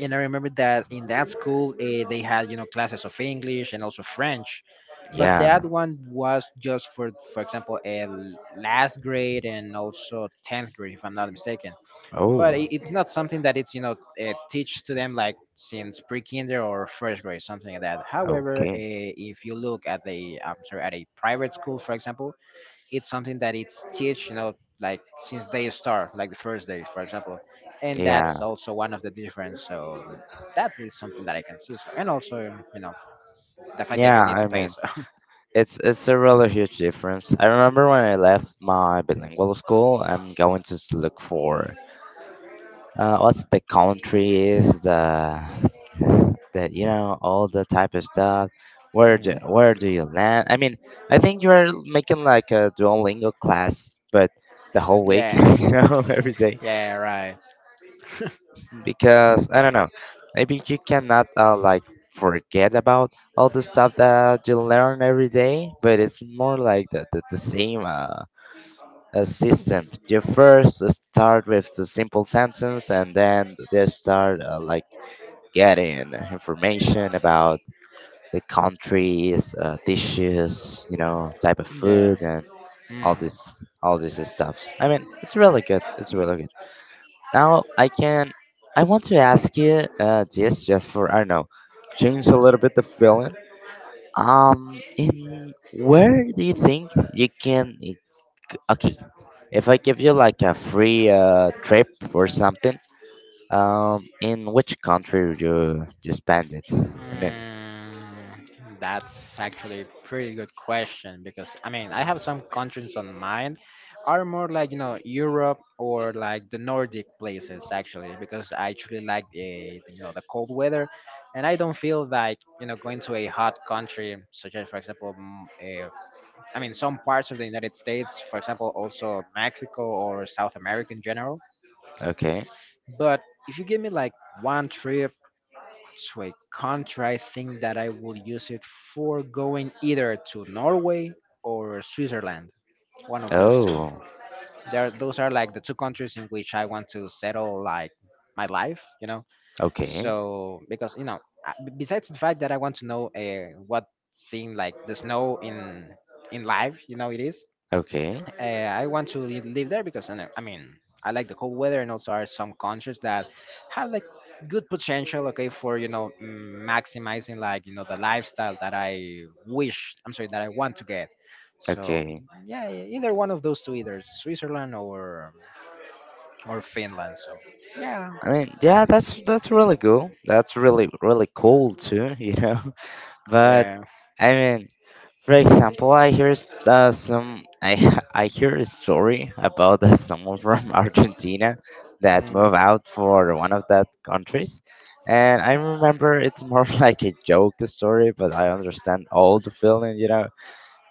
S2: and I remember that in that school they had, you know, classes of English and also French, but that
S3: yeah.
S2: one was just for example, a last grade and also tenth grade, if I'm not mistaken. But
S3: Oh,
S2: it's not something that it's, you know, teach to them like since pre-kinder or first grade, something like that. However,
S3: okay.
S2: if you look at the, I'm sorry, at a private school for example, it's something that it's teach, you know, like since they start, like the first day, for example. And that's
S3: Yeah,
S2: also one of the difference. So that is something that I can see. So, and also, you know, the fact that
S3: yeah.
S2: you need to
S3: I
S2: pay.
S3: mean,
S2: So
S3: it's a really huge difference. I remember when I left my bilingual school, I'm going to s- look for. Uh, what's the countries the you know all the type of stuff, where do you land, I mean, I think you're making like a Duolingo class but the whole week,
S2: yeah,
S3: you know, every day,
S2: yeah, right,
S3: because I don't know, maybe you cannot like forget about all the stuff that you learn every day, but it's more like the same system. You first start with the simple sentence and then they start like getting information about the countries, dishes, you know, type of food,
S2: yeah.
S3: and
S2: Mhm.
S3: all this stuff. I mean, it's really good. It's really good. Now I can, I want to ask you this just for I don't know, change a little bit the feeling. In where do you think you can? Okay, if I give you like a free trip or something, in which country would you spend it? I mean,
S2: Mm, that's actually a pretty good question, because I mean, I have some countries on mind are more like, you know, Europe or like the Nordic places actually, because I truly like, the you know, the cold weather, and I don't feel like, you know, going to a hot country such as, for example, I mean, some parts of the United States, for example, also Mexico or South America in general.
S3: okay.
S2: But if you give me like one trip to a country, I think that I will use it for going either to Norway or Switzerland. One of those two.
S3: Oh.
S2: There, those are like the two countries in which I want to settle like my life. You know,
S3: Okay.
S2: so, because you know, besides the fact that I want to know what, seeing like the snow in life, you know, it is,
S3: Okay.
S2: I want to live there because I mean, I like the cold weather, and also are some countries that have like good potential, okay, for, you know, maximizing like, you know, the lifestyle that I wish I'm sorry that I want to get. So
S3: Okay.
S2: yeah, either one of those two, either Switzerland or Finland. So yeah,
S3: I mean, yeah, that's really cool. That's really really cool too, you know. But
S2: yeah,
S3: I mean, for example, I hear s- some I h- I hear a story about that someone from Argentina that
S2: mm,
S3: moved out for one of that countries, and I remember it's more like a joke story, but I understand all the feeling, you know.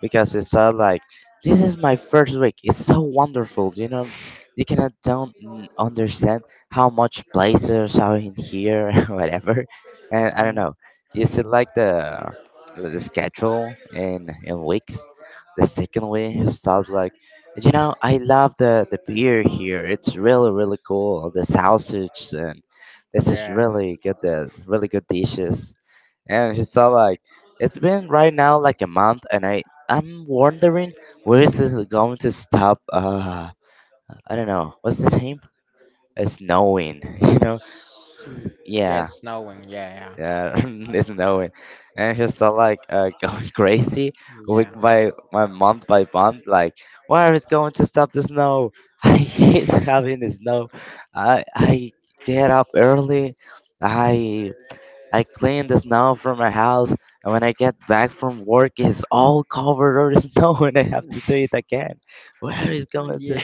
S3: Because it's like this is my first week. It's so wonderful, you know. You cannot don't n- understand how much places are in here, whatever. And I don't know. Is it like the schedule in weeks? The second week starts like you know. I love the beer here. It's really really cool. The sausage and this is
S2: yeah.
S3: really good. The really good dishes, and she's all like, it's been right now like a month, and I'm wondering where is this going to stop? I don't know. What's the name? It's snowing. You know?
S2: S- yeah, it's
S3: Yeah,
S2: snowing, yeah, yeah,
S3: yeah, it's snowing. And she's all like going crazy week
S2: yeah,
S3: by my month by month. Like, where is going to stop the snow? I hate having the snow. I get up early. I I clean the snow from my house, and when I get back from work, it's all covered over snow, and I have to do it again. Where is going to?
S2: yeah.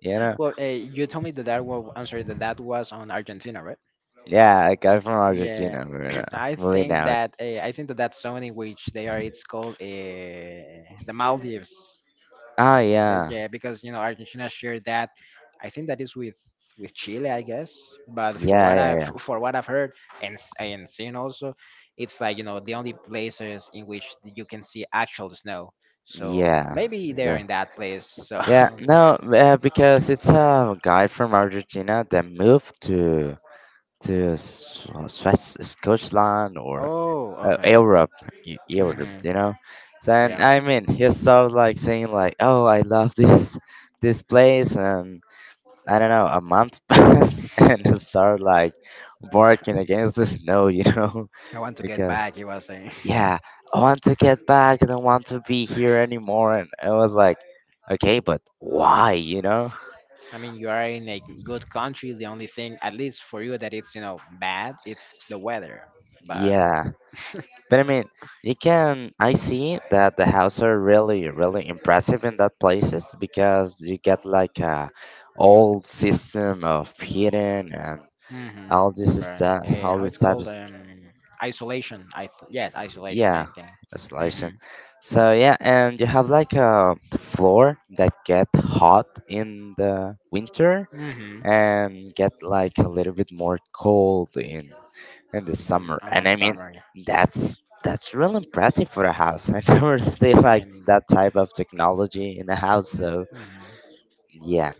S3: You know?
S2: Well, you told me that that was I'm sorry that that was on Argentina, right?
S3: Yeah, I got from
S2: Yeah,
S3: Argentina. We're
S2: I
S3: moving
S2: think
S3: out.
S2: that, I think that that zone in which they are, it's called, the Maldives.
S3: Oh yeah,
S2: Yeah, because you know, Argentina shared that. I think that is with Chile, I guess. But for
S3: yeah,
S2: what
S3: yeah,
S2: for what I've heard, and and seen also, it's like, you know, the only places in which you can see actual snow. So
S3: yeah,
S2: maybe
S3: yeah.
S2: they are in
S3: The-
S2: that place. So
S3: yeah, no,
S2: yeah.
S3: because it's a guy from Argentina that moved to Scotland or
S2: Oh, okay.
S3: Europe, Europe,
S2: Mhm.
S3: you know. So and
S2: Yeah.
S3: I mean, he started like saying like, "Oh, I love this this place," and I don't know, a month passed, and he started like barking against the snow, you know,
S2: I want to get
S3: because
S2: back, he was saying.
S3: yeah, I want to get back, I don't want to be here anymore, and I was like, okay, but why, you know?
S2: I mean, you are in a good country. The only thing, at least for you, that it's, you know, bad, it's the weather. But
S3: Yeah, but I mean, you can. I see that the houses are really, really impressive in that places because you get like a old system of heating and
S2: hmm,
S3: all this
S2: right,
S3: stuff, all
S2: how it's
S3: this type of,
S2: called? Isolation. Yes, isolation, I
S3: yeah,
S2: think. Mm-hmm.
S3: isolation. So yeah, and you have like a floor that get hot in the winter
S2: Mm-hmm.
S3: and get like a little bit more cold in the
S2: On,
S3: summer. And
S2: on
S3: I mean,
S2: summer.
S3: that's that's real impressive for a house. I never really
S2: I
S3: like
S2: mean.
S3: that type of technology in a house. So
S2: Mhm.
S3: yeah,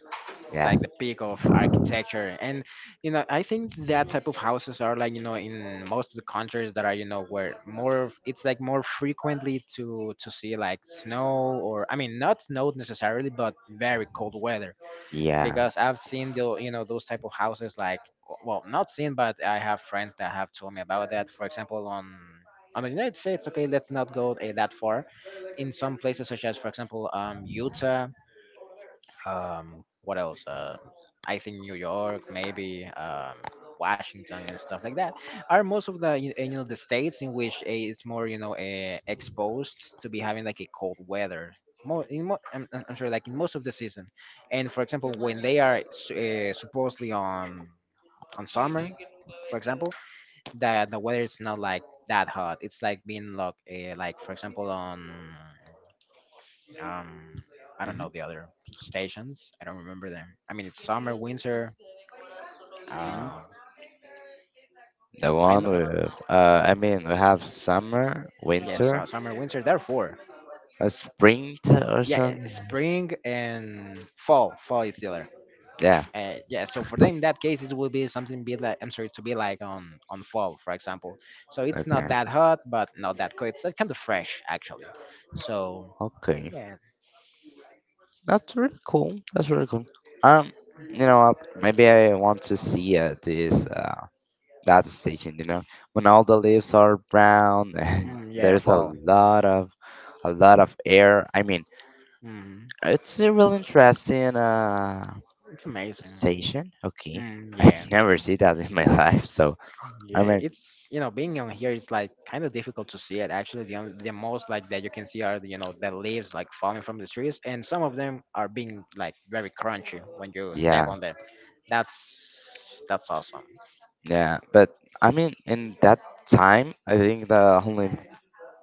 S2: It's
S3: yeah,
S2: like the peak of architecture, and you know, I think that type of houses are like, you know, in most of the countries that are, you know, where it's like more frequently to see like snow, or I mean, not snow necessarily but very cold weather.
S3: yeah.
S2: Because I've seen the, you know, those type of houses like well, not seen, but I have friends that have told me about that, for example, on the United States. Okay, let's not go that far. In some places, such as for example, Utah, what else? I think New York, maybe, Washington and stuff like that, are most of the you know, the states in which it's more, you know, exposed to be having like a cold weather. More, in mo- I'm sorry, like in most of the season, and for example, when they are supposedly on summer, for example, that the weather is not like that hot. It's like being like for example on um I don't know
S3: Hmm.
S2: the other stations. I don't remember them. I mean, it's summer, winter,
S3: Hmm.
S2: uh
S3: The one
S2: I'm
S3: with, I mean, we have summer,
S2: yes,
S3: winter,
S2: summer, winter, there are four,
S3: a spring or
S2: yeah,
S3: something.
S2: spring and fall. Fall is the other,
S3: Yeah.
S2: yeah. So for them, in that case, it will be something, be like, I'm sorry, to be like on fall for example. So it's not
S3: Okay.
S2: that hot but not that cold. It's kind of fresh actually. So
S3: Okay.
S2: yeah.
S3: That's really cool. That's really cool. Um, you know what? Maybe I want to see this. That's teaching, you know. When all the leaves are brown and
S2: Mm, yeah,
S3: there's a
S2: fall.
S3: lot of a lot of air. I mean,
S2: mm,
S3: it's a real interesting
S2: it's amazing.
S3: station. Okay.
S2: Mm,
S3: I
S2: yeah.
S3: never see that in my life, so I
S2: Yeah,
S3: mean,
S2: it's being on here, it's like kind of difficult to see it. Actually, the only, the most like that you can see are the, the leaves like falling from the trees, and some of them are being like very crunchy when you step
S3: yeah,
S2: on them. That's awesome.
S3: yeah. But I mean, in that time I think the only,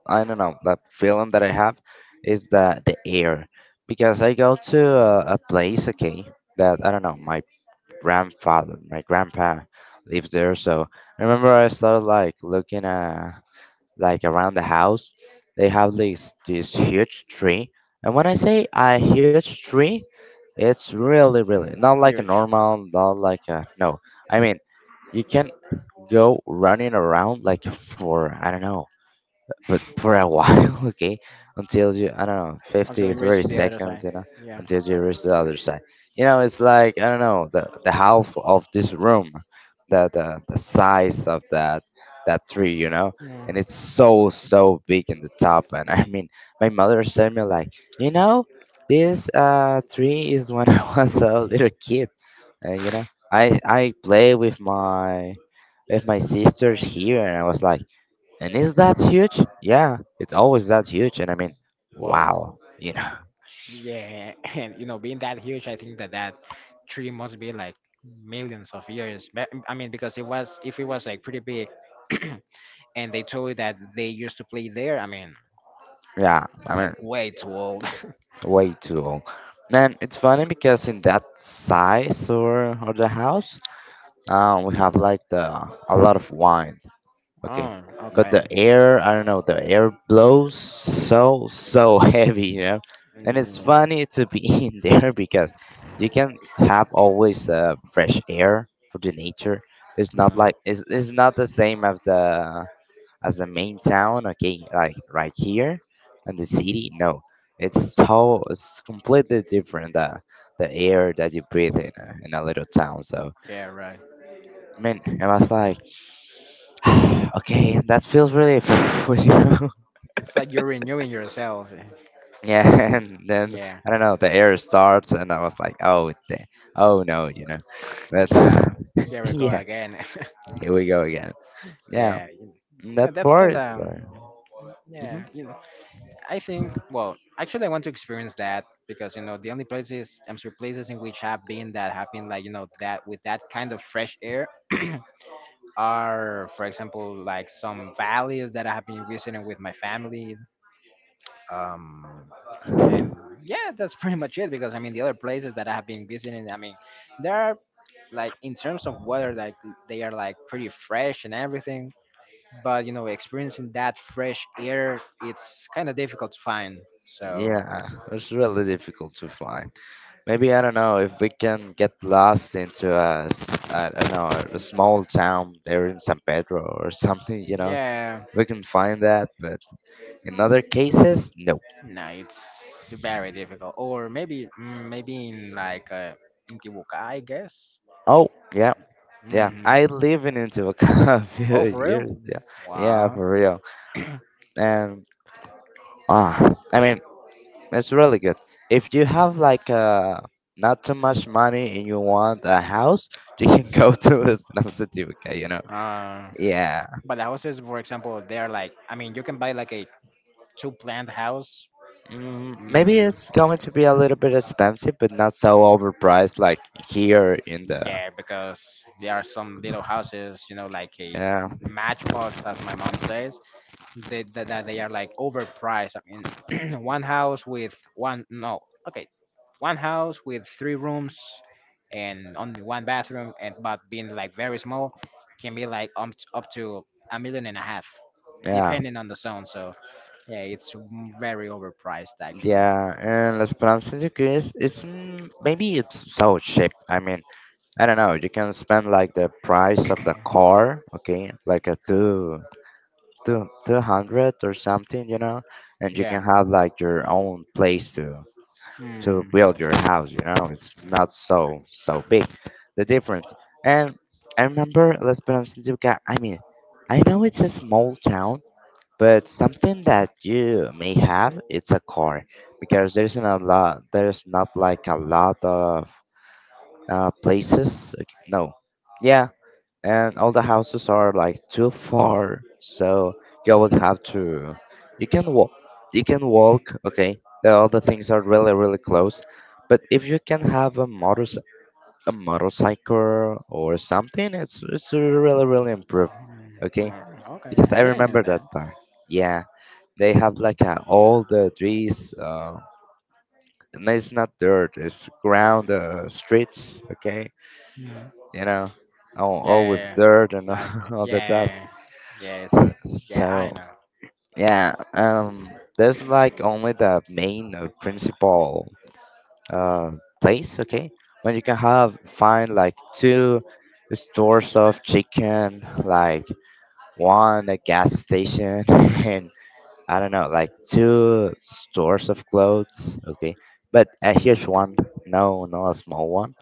S3: I don't know, that feeling that I have is the air. Because I go to a
S2: Mm.
S3: place, okay, that, I don't know, my grandfather, my grandpa lives there. So I remember I started like looking like around the house. They have this huge tree, and when I say a huge tree, it's really really
S2: Mm,
S3: not like a
S2: huge.
S3: normal, not like a no. I mean, you can go running around like for, I don't know, but for a while, okay, until you, I don't know,
S2: Until
S3: 50,
S2: you
S3: thirty
S2: reach the other
S3: seconds,
S2: side.
S3: you know,
S2: Yeah.
S3: until you reach the other side. You know, it's like, I don't know, the half of this room, the size of that tree, you know,
S2: Mm.
S3: and it's so, so big in the top. And I mean, my mother said me like, you know, this tree is when I was a little kid. And, you know, I play with my sisters here, and I was like, and is that huge? Yeah, it's always that huge. And I mean,
S2: Wow.
S3: wow, you know,
S2: Yeah, and being that huge, I think that that tree must be like millions of years. But, I mean, because it was, if it was like pretty big, and they told you that they used to play there, I mean,
S3: yeah, I
S2: like
S3: mean,
S2: way too old.
S3: way too old. And it's funny because in that size or the house, we have like the a lot of wine. Okay,
S2: Oh,
S3: but
S2: okay.
S3: the air, I don't know, the air blows so so heavy, you know. And it's
S2: Yeah.
S3: funny to be in there because you can have always fresh air for the nature. It's not
S2: Mhm.
S3: like it's not the same as the main town, okay, like right here and the city. No, it's so it's completely different the air that you breathe in a little town. So
S2: Yeah, right.
S3: I mean, it was like okay, that feels really you know.
S2: It's like you're renewing yourself.
S3: Yeah, and then
S2: Yeah.
S3: I don't know, the air starts, and I was like, oh, the, oh no, you know, but
S2: Uh, Here we go
S3: yeah,
S2: again.
S3: here we go again. Yeah,
S2: Yeah. Yeah,
S3: that
S2: that's
S3: part
S2: kind
S3: is.
S2: of. Yeah,
S3: Hmm
S2: you I think, well, actually, I want to experience that, because the only places, I'm sure, places in which have been, that have been like that, with that kind of fresh air are, for example, like some valleys that I have been visiting with my family. Um, and yeah, that's pretty much it, because I mean the other places that I have been visiting, I mean, there are, like in terms of weather, like they are like pretty fresh and everything. But experiencing that fresh air, it's kind of difficult to find. So
S3: yeah, it's really difficult to fly. Maybe I don't know if we can get lost into I don't know, a small town there in San Pedro or something. You know,
S2: yeah,
S3: we can find that. But in other cases, no.
S2: no, it's very difficult. Or maybe, maybe in like in Tibuca, I guess.
S3: Oh yeah, yeah.
S2: Hmm.
S3: I live in Intibucana a few
S2: Oh, for real?
S3: years. Yeah, yeah,
S2: Wow.
S3: for real. And I mean, it's really good. If you have like not too much money and you want a house, you can go to Esperanza Tibuca, you know.
S2: Uh,
S3: Yeah.
S2: but the houses, for example, they're like, I mean, you can buy like a two-plant house.
S3: Maybe
S2: Mm,
S3: it's going to be a little bit expensive, but not so overpriced like here in the,
S2: yeah, because there are some little houses, like a
S3: yeah,
S2: matchbox, as my mom says. They, that they are like overpriced. I mean, one house with one, no, okay, one house with three rooms and only one bathroom, and but being like very small can be like up to a million and a half,
S3: yeah,
S2: depending on the zone. So yeah, it's very overpriced actually.
S3: yeah. And Las Palmas de Cruz, it's, maybe it's so cheap. I mean, I don't know. You can spend like the price of the car, okay, like a two hundred or something, you know, and you
S2: Yeah.
S3: can have like your own place to
S2: Hmm.
S3: build your house. You know, it's not so so big, the difference. And I remember Las Penas Tijuca. I mean, I know it's a small town, but something that you may have it's a car because there's not a lot. There's not like a lot of places. Okay, no, yeah, and all the houses are like too far, so you would have to, you can walk, okay, the other things are really really close, but if you can have a motorcycle or something, it's really really improved,
S2: Hmm.
S3: okay.
S2: Well, okay,
S3: Because
S2: I
S3: I
S2: didn't know
S3: remember that
S2: that.
S3: part, yeah, they have like all the trees, and it's not dirt, it's ground, streets, okay,
S2: Mhm.
S3: you know, all
S2: Yeah,
S3: with
S2: yeah, yeah.
S3: dirt and
S2: Like,
S3: all the dust.
S2: yeah, yeah. So yeah, I
S3: So
S2: know.
S3: yeah, there's like only the main, principal uh place, okay, when you can have find like two stores of chicken, like one a gas station, and I don't know, like two stores of clothes, okay, but a huge
S2: Hmm.
S3: one, no, not a small one.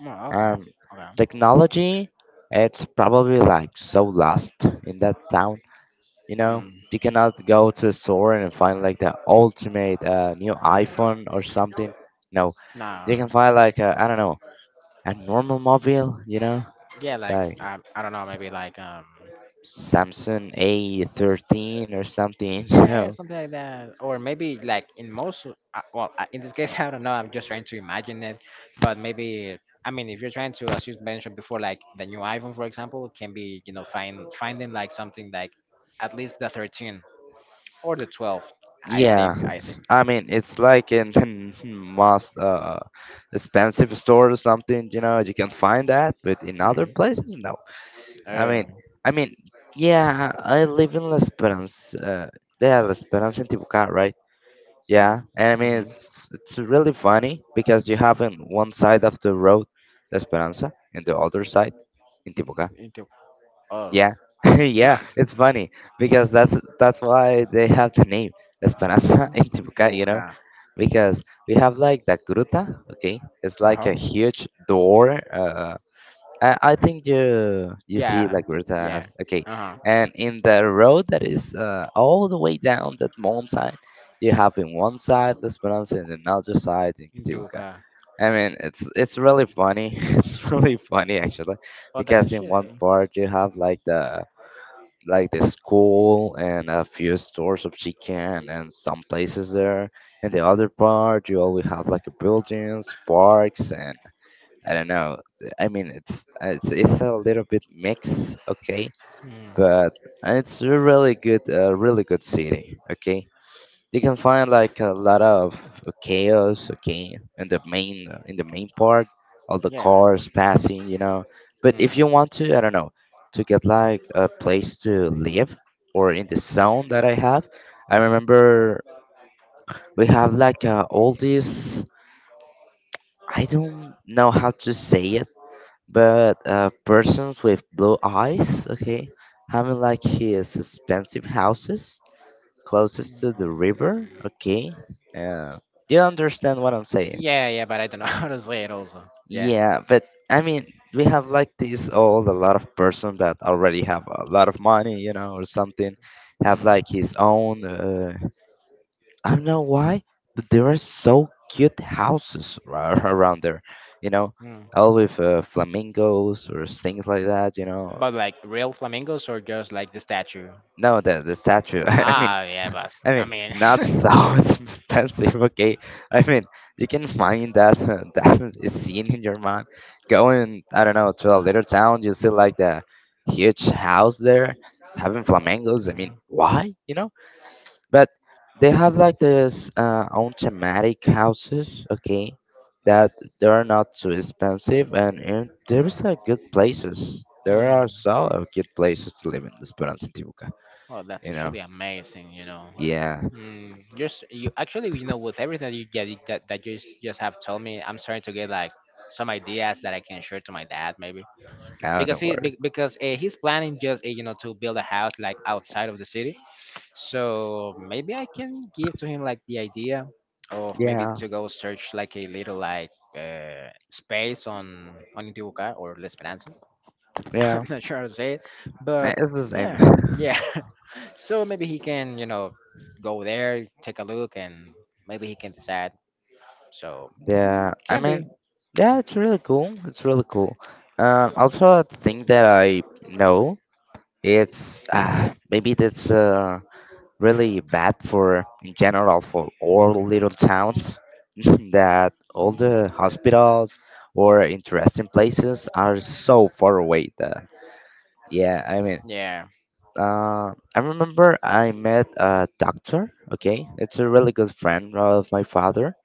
S2: Oh, okay.
S3: Um,
S2: Okay.
S3: technology, it's probably like so lost in that town, you know,
S2: Hmm.
S3: you cannot go to a store and find like the ultimate new iPhone or something. No, you
S2: Nah.
S3: can find like, I don't know, a normal mobile. You know,
S2: Yeah, like
S3: like
S2: I don't know, maybe like
S3: Samsung A13 or something. You
S2: yeah,
S3: know.
S2: something like that. Or maybe like in most, well, in this case I don't know, I'm just trying to imagine it, but maybe I mean, if you're trying to, as you mentioned before, like the new iPhone, for example, can be, finding like something like at least the 13 or the 12. I think,
S3: Yeah,
S2: I think.
S3: I mean it's like in the most expensive store or something. You know, you can find that, but in other
S2: Mm-hmm.
S3: places, no. I mean,
S2: Oh.
S3: I mean, yeah, I live in La Esperanza. Yeah, La Esperanza in Tibucá, right? Yeah,
S2: Mm-hmm.
S3: and I mean
S2: Mm-hmm.
S3: it's really funny because you have in one side of the road La Esperanza and the other side in Tibuca.
S2: Into, oh.
S3: Yeah, yeah, it's funny because that's why they have the name La Esperanza
S2: Mm,
S3: in
S2: into,
S3: Tibuca, you know,
S2: uh
S3: because we have like the gruta, okay, it's like
S2: huh.
S3: a huge door. I think you see
S2: Yeah,
S3: like
S2: yeah.
S3: rooftops. Okay,
S2: Uh huh.
S3: and in the road that is all the way down that mountain, you have in one side Las Esperanza and another side in
S2: Into a
S3: Kitipuca.
S2: car.
S3: I mean, it's really funny. It's really funny actually,
S2: Oh, that's a
S3: because in
S2: shit.
S3: one part you have like the, school and a few stores of chicken and some places there. In the other part, you always have like buildings, parks, and I don't know. I mean, it's a little bit mixed, okay,
S2: Mm.
S3: but it's a really good, really good city, okay. You can find like a lot of chaos, okay, in the main, part, all the
S2: Yeah.
S3: cars passing, you know. But if you
S2: Mm-hmm.
S3: want to, I don't know, to get like a place to live or in the zone that I have, I remember we have like, all these. I don't know how to say it, but persons with blue eyes, okay, having like his expensive houses closest to the river,
S2: Mm.
S3: okay. Uh, do you understand what I'm saying?
S2: Yeah, yeah, but I don't know how to say it also. Yeah.
S3: Yeah, but I mean, we have like this old a lot of person that already have a lot of money, you know, or something, have
S2: Mm.
S3: like his own. I don't know why, but there are so cute houses around there, you know,
S2: Mm.
S3: all with flamingos or things like that, you know.
S2: But like real flamingos or just like the statue?
S3: No, the statue. I mean,
S2: Ah, yeah, but I mean.
S3: not so expensive. Okay, I mean, you can find that that is seen in your mind. Going, I don't know, to a little town, you see like the huge house there having flamingos. I mean,
S2: Mm.
S3: why? You know, but they have like this own thematic houses. Okay, that they are not too expensive, and there is a good places. There are
S2: Mm.
S3: so good places to live in the Esperanza Tibuca.
S2: Oh, that's
S3: You know.
S2: actually amazing.
S3: Yeah.
S2: Mm. Just you actually, with everything that you get that you just have told me, I'm starting to get like some ideas that I can share to my dad, maybe.
S3: No,
S2: because
S3: don't
S2: he
S3: worry.
S2: be- because uh, he's planning just to build a house like outside of the city, so maybe I can give to him like the idea of maybe
S3: Yeah.
S2: to go search like a little, like space on Intibucá or La Esperanza.
S3: Yeah.
S2: I'm not sure how to say it, but
S3: It's the same.
S2: yeah, yeah. So maybe he can, go there, take a look, and maybe he can decide, so
S3: Yeah. I
S2: can be.
S3: mean, yeah, it's really cool. It's really cool. Also, a thing that I know, it's maybe that's really bad for, in general, for all little towns that all
S2: Mhm.
S3: the hospitals or interesting places are so far away. That, yeah, I mean.
S2: Yeah.
S3: I remember I met a doctor. Okay, it's a really good friend of my father,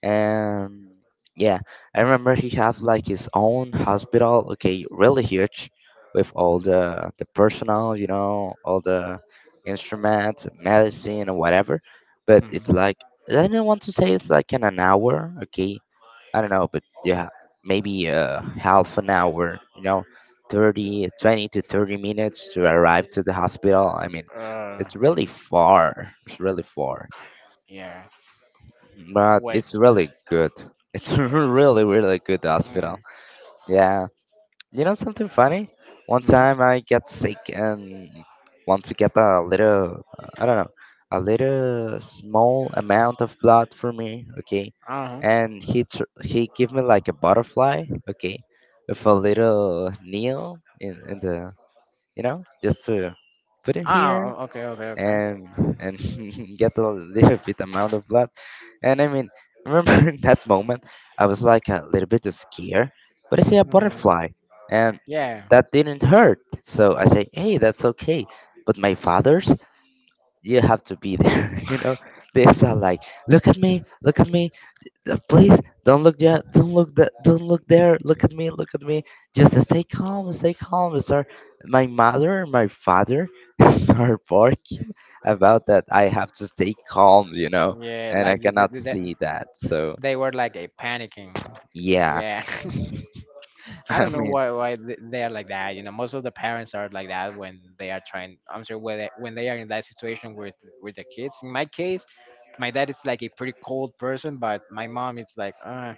S3: and yeah, I remember he had like his own hospital, okay, really huge, with all the personnel, you know, all the instruments, medicine and whatever, but it's
S2: Mhm.
S3: like, I don't want to say it's like in an hour, okay, I don't know, but yeah, maybe half an hour, you know, 30, 20 to 30 minutes to arrive to the hospital, I mean,
S2: uh
S3: it's really far, it's really far,
S2: yeah.
S3: but it's
S2: Wait.
S3: really good. It's really, really good hospital. Yeah. You know something funny? One
S2: Mhm.
S3: time I got sick and want to get a little, I don't know, a little small amount of blood for me, okay?
S2: Uh-huh.
S3: And he gave me like a butterfly, okay, with a little needle in the, you know, just to put it here
S2: Oh, okay, okay, okay.
S3: and and get a little bit amount of blood. And I mean, remember in that moment, I was like a little bit scared, but I see a
S2: Mm,
S3: butterfly, and
S2: yeah,
S3: that didn't hurt. So I say, hey, that's okay. But my father's, you have to be there. You know, they start like, look at me, look at me. Please don't look there. Don't look that. Don't look there. Look at me. Look at me. Just stay calm. Stay calm. Sir, my mother and my father start barking about that. I have to stay calm. You know,
S2: yeah.
S3: and I
S2: Like,
S3: cannot see that. So
S2: they were like a panicking.
S3: yeah,
S2: Yeah, I
S3: I
S2: don't know
S3: mean,
S2: why they are like that. Most of the parents are like that when they are trying. I'm sure, when they are in that situation with their kids. In my case, my dad is like a pretty cold person, but my mom is like,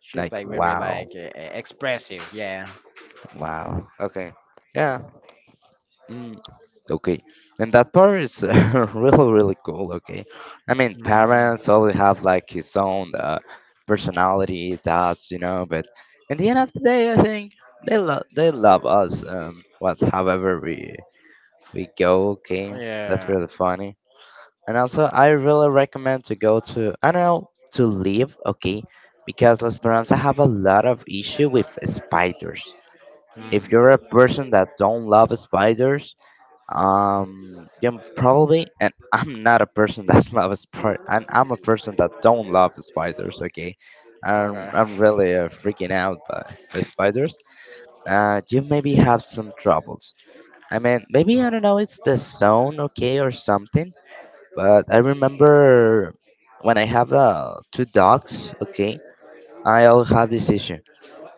S2: she's
S3: like
S2: like very
S3: wow,
S2: like, expressive. Yeah.
S3: wow. Okay, yeah. Mm, okay. And that part is really, really cool. Okay. I mean,
S2: Mm,
S3: parents always have like his own personality, thoughts, you know, but in the end of the day, I think they love us, however we go. Okay. That's
S2: yeah.
S3: really funny. And also, I really recommend to go to, I don't know, to live. Okay. Because La Esperanza have a lot of issue with spiders. If you're a
S2: Mm.
S3: person that don't love spiders, yeah, probably. And I'm not a person that loves spider. And I'm a person that don't love spiders. Okay, I'm
S2: Okay.
S3: really freaking out by spiders. You maybe have some troubles. I mean, maybe I don't know. It's the zone, okay, or something. But I remember when I have two dogs. Okay, I all have this issue.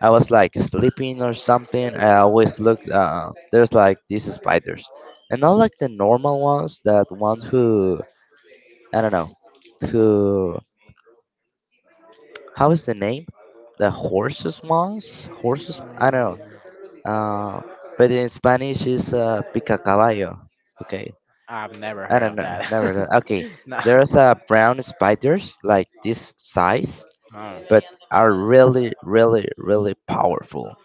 S3: I was like sleeping or something. I always looked. There's like these spiders, and not like the normal ones. That ones who I don't know, who how is the name? The horses ones. Horses. I don't know.
S2: Mm,
S3: Uh, but in Spanish is pica caballo. Okay.
S2: I've never
S3: I
S2: heard
S3: don't
S2: of
S3: know. Never.
S2: that.
S3: Heard- Okay.
S2: No.
S3: There's brown spiders like this size,
S2: No.
S3: but are really, really, really powerful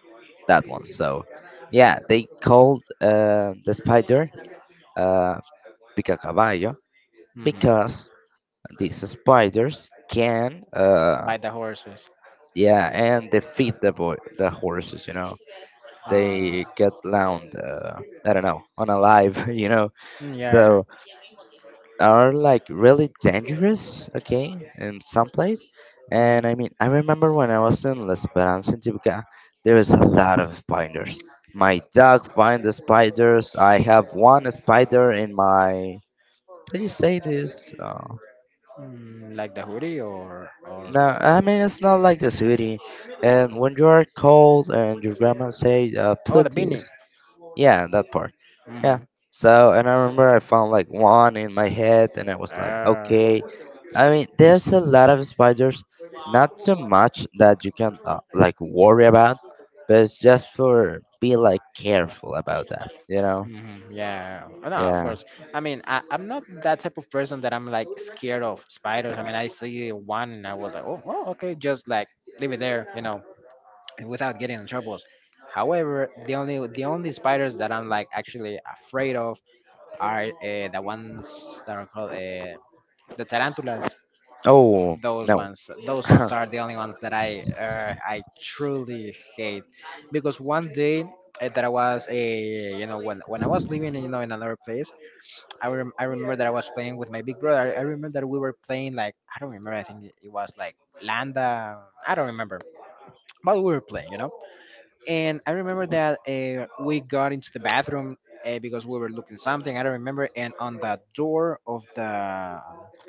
S3: that one. So, yeah, they called the spider uh, picacaballo
S2: hmm
S3: because these spiders can,
S2: By the horses.
S3: yeah, and they feed the boy, the horses. You know,
S2: Uh,
S3: they get down, I don't know, on alive. You know,
S2: mm, yeah. Yeah.
S3: so are like really dangerous, okay, in some place. And
S2: Mm,
S3: I mean, I remember when I was in La Esperanza in Tibuca, there was a lot of spiders. My dog find the spiders. I have one spider in my. How do you say this?
S2: like the hoodie or
S3: No,
S2: or
S3: I mean it's not like the city. And when you are cold and your grandma say,
S2: oh, the
S3: "Put
S2: beanie.
S3: this," Yeah, that part. Yeah.
S2: Mm-hmm.
S3: So, and I remember I found like one in my head, and I was like,
S2: Ah.
S3: okay. I mean, there's a lot of spiders, not so much that you can like worry about, but it's just for be like careful about that, you know?
S2: Hmm, yeah, no, of
S3: Yeah.
S2: course. I mean, I'm not that type of person that I'm like scared of spiders. I mean, I see one and I was like, oh, oh, okay, just like leave it there, and without getting in troubles. However, the only spiders that I'm like actually afraid of are, the ones that are called, the tarantulas.
S3: Oh
S2: those
S3: no.
S2: ones those ones are the only ones that I truly hate, because one day, that I was a, when I was living, in another place, I remember that I was playing with my big brother. I remember that we were playing, like, I don't remember, I think it was like landa, I don't remember, but we were playing, and I remember that we got into the bathroom, because we were looking something. I don't remember. And on the door of the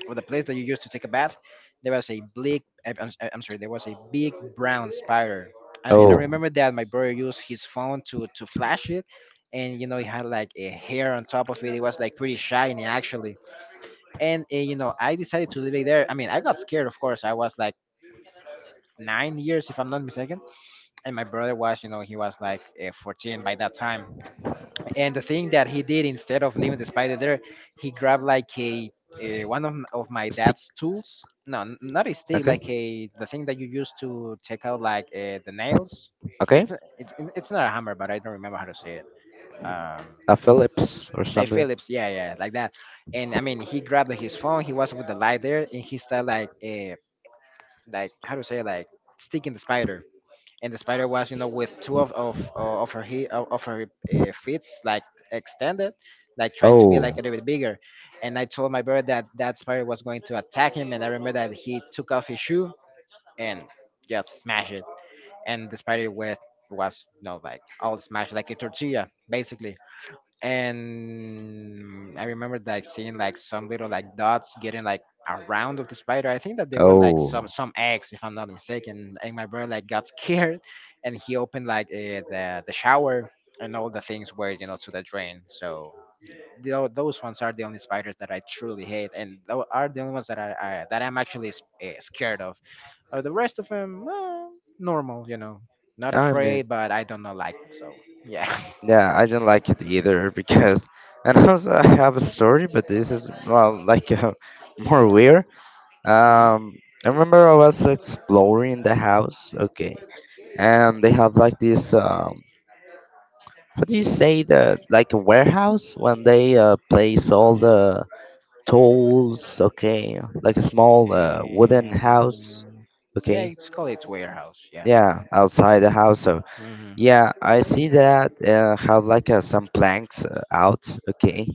S2: of the place that you used to take a bath, there was a big. I'm sorry. There was a big brown spider. And I
S3: oh,
S2: remember that my brother used his phone to flash it, and it had like a hair on top of it. It was like pretty shiny actually. And I decided to leave it there. I mean I got scared, of course. I was like 9 years if I'm not mistaken, and my brother was, he was like, 14 by that time. And the thing that he did, instead of leaving the spider there, he grabbed like one of my
S3: stick.
S2: dad's tools, no, not a stick,
S3: Okay.
S2: like a, the thing that you use to take out like, the nails.
S3: Okay.
S2: It's not a hammer, but I don't remember how to say it. um
S3: A Phillips or
S2: a
S3: something.
S2: Phillips, yeah, yeah, like that. And I mean he grabbed his phone, he was with the light there, and he started like, like how to say it, like sticking the spider. And the spider was, with two of her feet like extended, like trying to be
S3: Oh.
S2: like a little bit bigger. And I told my brother that that spider was going to attack him, and I remember that he took off his shoe and just smashed it. And the spider was, like all smashed like a tortilla basically. And I remember like seeing like some little like dots getting like around of the spider. I think that they were like
S3: Oh.
S2: some eggs, if I'm not mistaken. And my brother like got scared, and he opened like, the shower, and all the things were, to the drain. So those ones are the only spiders that I truly hate, and are the only ones that I'm actually scared of. The rest of them, well, normal, not
S3: I mean.
S2: afraid, but I don't know like them. So yeah.
S3: Yeah, I didn't like it either because, and also I have a story, but this is well, like more weird. Um, I remember I was exploring the house, okay, and they have like this how do you say that, like a warehouse when they place all the tools, okay, like a small wooden
S2: Um,
S3: house,
S2: yeah,
S3: okay,
S2: it's called its warehouse. Yeah.
S3: yeah, outside the house. So
S2: Mm-hmm.
S3: yeah, I see that have like some planks out, okay.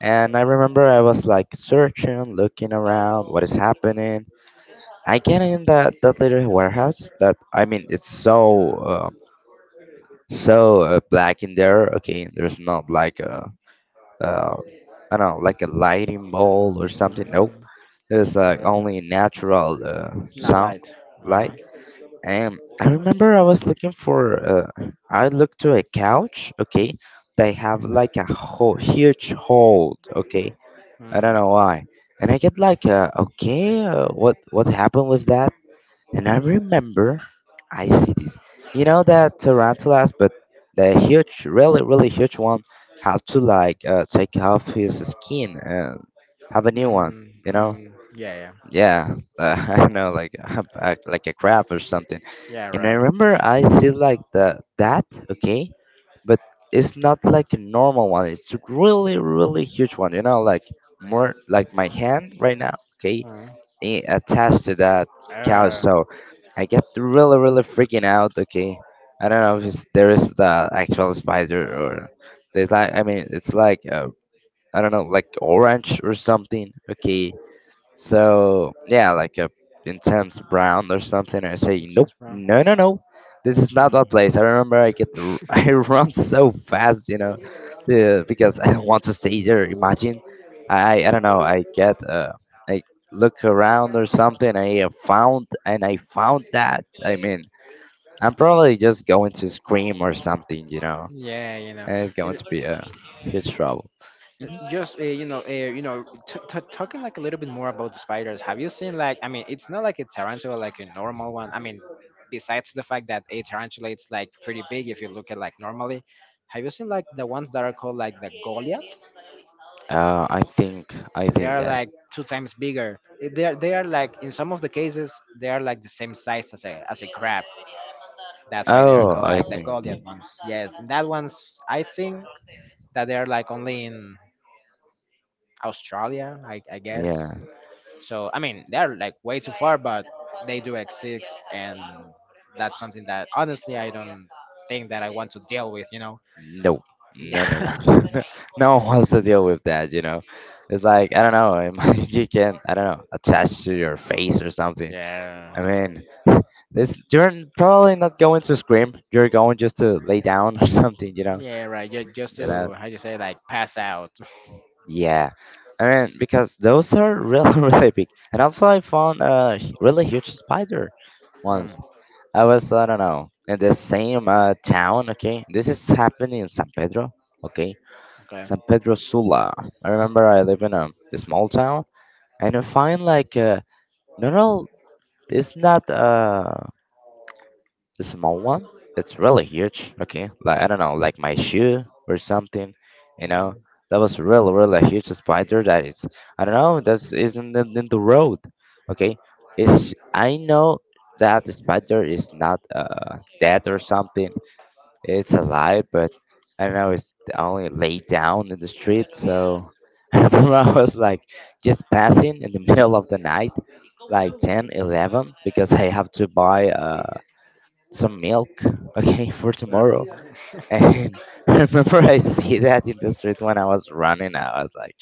S3: And I remember I was like searching, looking around, what is happening. I get in that little warehouse. That I mean, it's so so black in there. Okay, there's not like a uh, I don't know, like a lighting bulb or something. Nope,
S2: Mm-hmm.
S3: there's like
S2: Okay.
S3: only natural
S2: Not
S3: sound
S2: light. Uh
S3: light.
S2: huh.
S3: And I remember I was looking for. I looked to a couch. Okay, they have like a huge hole. Okay, I
S2: Mm.
S3: don't know why. And I get like, okay, what happened with that? And I remember, I see this. You know that tarantulas, but the huge, really, really huge one, have to like take off his skin and have a new one. You
S2: Mm-hmm.
S3: know,
S2: Mm-hmm. Yeah. Yeah.
S3: yeah
S2: Mm-hmm.
S3: I know like I- like a crab or something.
S2: Yeah.
S3: And I
S2: Right.
S3: remember I see like the that okay, but it's not like a normal one, it's a really really huge one you know, like more like my hand right now, okay,
S2: Uh-huh.
S3: attached to that couch.
S2: Uh.
S3: So I get really really freaking out okay, I don't know if it's, there is the actual spider or there's like I mean it's like I don't know, like orange or something, okay. So yeah, like a intense brown or something. I say,
S2: Makes
S3: nope,
S2: sense, bro.
S3: no, no, no, this is not that
S2: Mm.
S3: place. I remember I run so fast, you know, the, because I don't want to stay there. Imagine, I don't know. I get I look around or something. I have found and I found that. I mean, I'm probably just going to scream or something, you know,
S2: Yeah. You know.
S3: and it's going
S2: It.
S3: to be a huge trouble. Mm-hmm.
S2: Just talking like a little bit more about the spiders. Have you seen, like, I mean, it's not like a tarantula, like a normal one. I mean, besides the fact that a tarantula it's like pretty big if you look at like normally. Have you seen like the ones that are called like the Goliath?
S3: I think I
S2: They
S3: think
S2: are
S3: that.
S2: like two times bigger. They are like, in some of the cases they are like the same size as a crab. That's why they are
S3: Oh,
S2: called
S3: I
S2: like the
S3: think.
S2: Goliath ones. Yes, and that ones I think that they are like only in Australia, I guess.
S3: Yeah.
S2: So I mean, they're like way too far, but they do exist, and that's something that honestly I don't think that I want to deal with.
S3: No. No, no, no. No one wants to deal with that, you know. It's like I don't know, you can I don't know, attach to your face or something.
S2: Yeah.
S3: I mean, this you're probably not going to scream. You're going just to lay down or something, you know.
S2: Yeah. Right. Just
S3: You know.
S2: to how do you say like pass out.
S3: Yeah. I mean, because those are really really big. And also, I found a really huge spider
S2: Hmm,
S3: once. I was I don't know in the same town. Okay, this is happening in San Pedro. Okay,
S2: okay.
S3: San Pedro Sula. I remember I live in a small town, and I find like no, all. It's not. The small one, it's really huge. Okay, like I don't know, like my shoe or something. You know,
S2: Mm,
S3: that was really, really a huge spider. That is, I don't know, that isn't in the road. Okay, it's I know that the spider is not dead or something. It's alive, but I don't know. It's only laid down in the street. So I remember I was like just passing in the middle of the night like 10, 11, because I have to buy some milk, okay, for tomorrow.
S2: uh-huh.
S3: And I remember I see that in the street when I was running. I was like,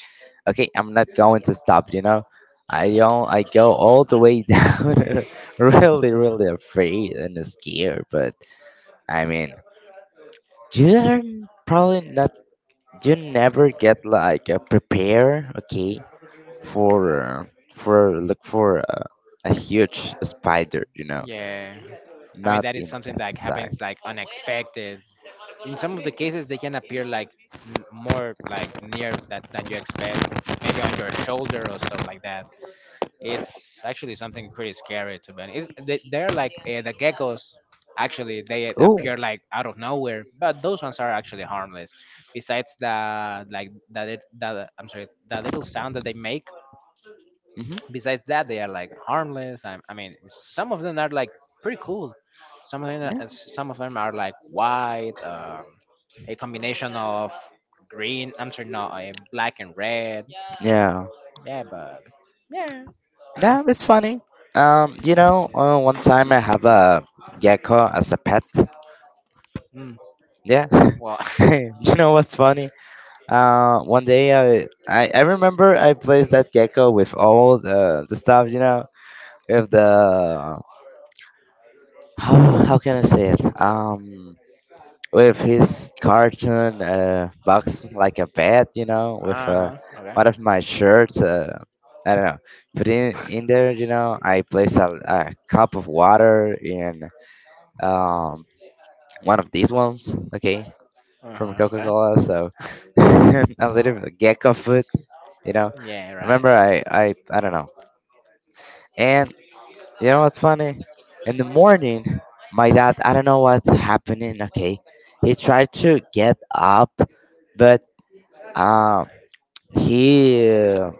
S3: okay, I'm not going to stop, you know. I don't, I go all the way down, really, really afraid and scared. But I mean, you are probably not, you never get like a prepare, okay, for, uh, for look for a huge spider, you know,
S2: Yeah. I mean,
S3: not
S2: that is
S3: in
S2: something
S3: that
S2: that
S3: side.
S2: happens like unexpected. In some of the cases, they can appear like more like near that than you expect, maybe on your shoulder or stuff like that. It's actually something pretty scary to be honest. They're like the geckos. Actually, they
S3: Oh,
S2: appear like out of nowhere, but those ones are actually harmless. Besides the like that, I'm sorry, the little sound that they make.
S3: hmm
S2: Besides that, they are like harmless. I mean, some of them are like pretty cool. Some of them
S3: yeah.
S2: some of them are like white, a combination of green. I'm sorry, no, black and red.
S3: Yeah.
S2: Yeah, but
S3: That was funny. You know, one time I have a gecko as a pet.
S2: mm,
S3: Yeah.
S2: well, uh
S3: You know what's funny? One day I remember I placed that gecko with all the stuff. You know, with the how can I say it? With his cartoon box like a bed. You know, with
S2: huh, okay,
S3: one of my shirts. I don't know. Put in there. You know, I placed a cup of water in um, one of these ones, okay,
S2: uh
S3: from
S2: huh,
S3: Coca
S2: okay.
S3: Cola. So a little bit of gecko food, you know.
S2: Yeah, right.
S3: Remember, I don't know. And you know what's funny? In the morning, my dad, I don't know what's happening. Okay, he tried to get up, but um, he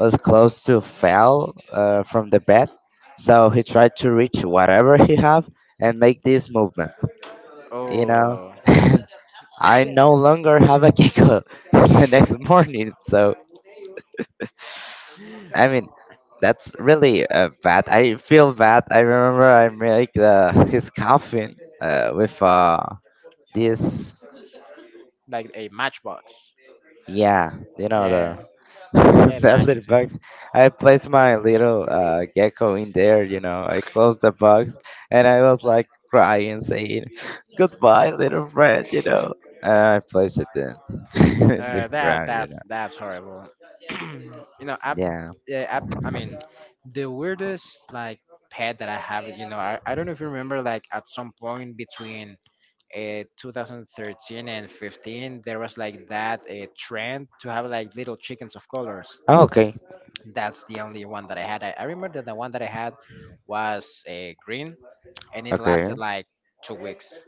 S3: was close to fell from the bed. So he tried to reach whatever he have and make this movement, you know.
S2: Oh.
S3: I no longer have a gecko the next morning. So I mean, that's really bad. I feel bad. I remember I make the his coffin with this
S2: like a matchbox.
S3: yeah you know the
S2: Yeah, yeah, the
S3: that little
S2: matches. Yeah,
S3: box. I placed my little gecko in there. You know, I closed the box and I was like crying, saying goodbye, little friend. You know, and I placed it in, in the
S2: that
S3: ground. You
S2: that's
S3: know,
S2: that's horrible. You know,
S3: yeah.
S2: yeah, I mean, the weirdest like pet that I have. You know, I don't know if you remember. Like at some point between. 2013 and 15 there was like that trend to have like little chickens of colors.
S3: Oh, okay.
S2: That's the only one that I had. I remember that the one that I had was green, and it
S3: Okay.
S2: lasted like 2 weeks.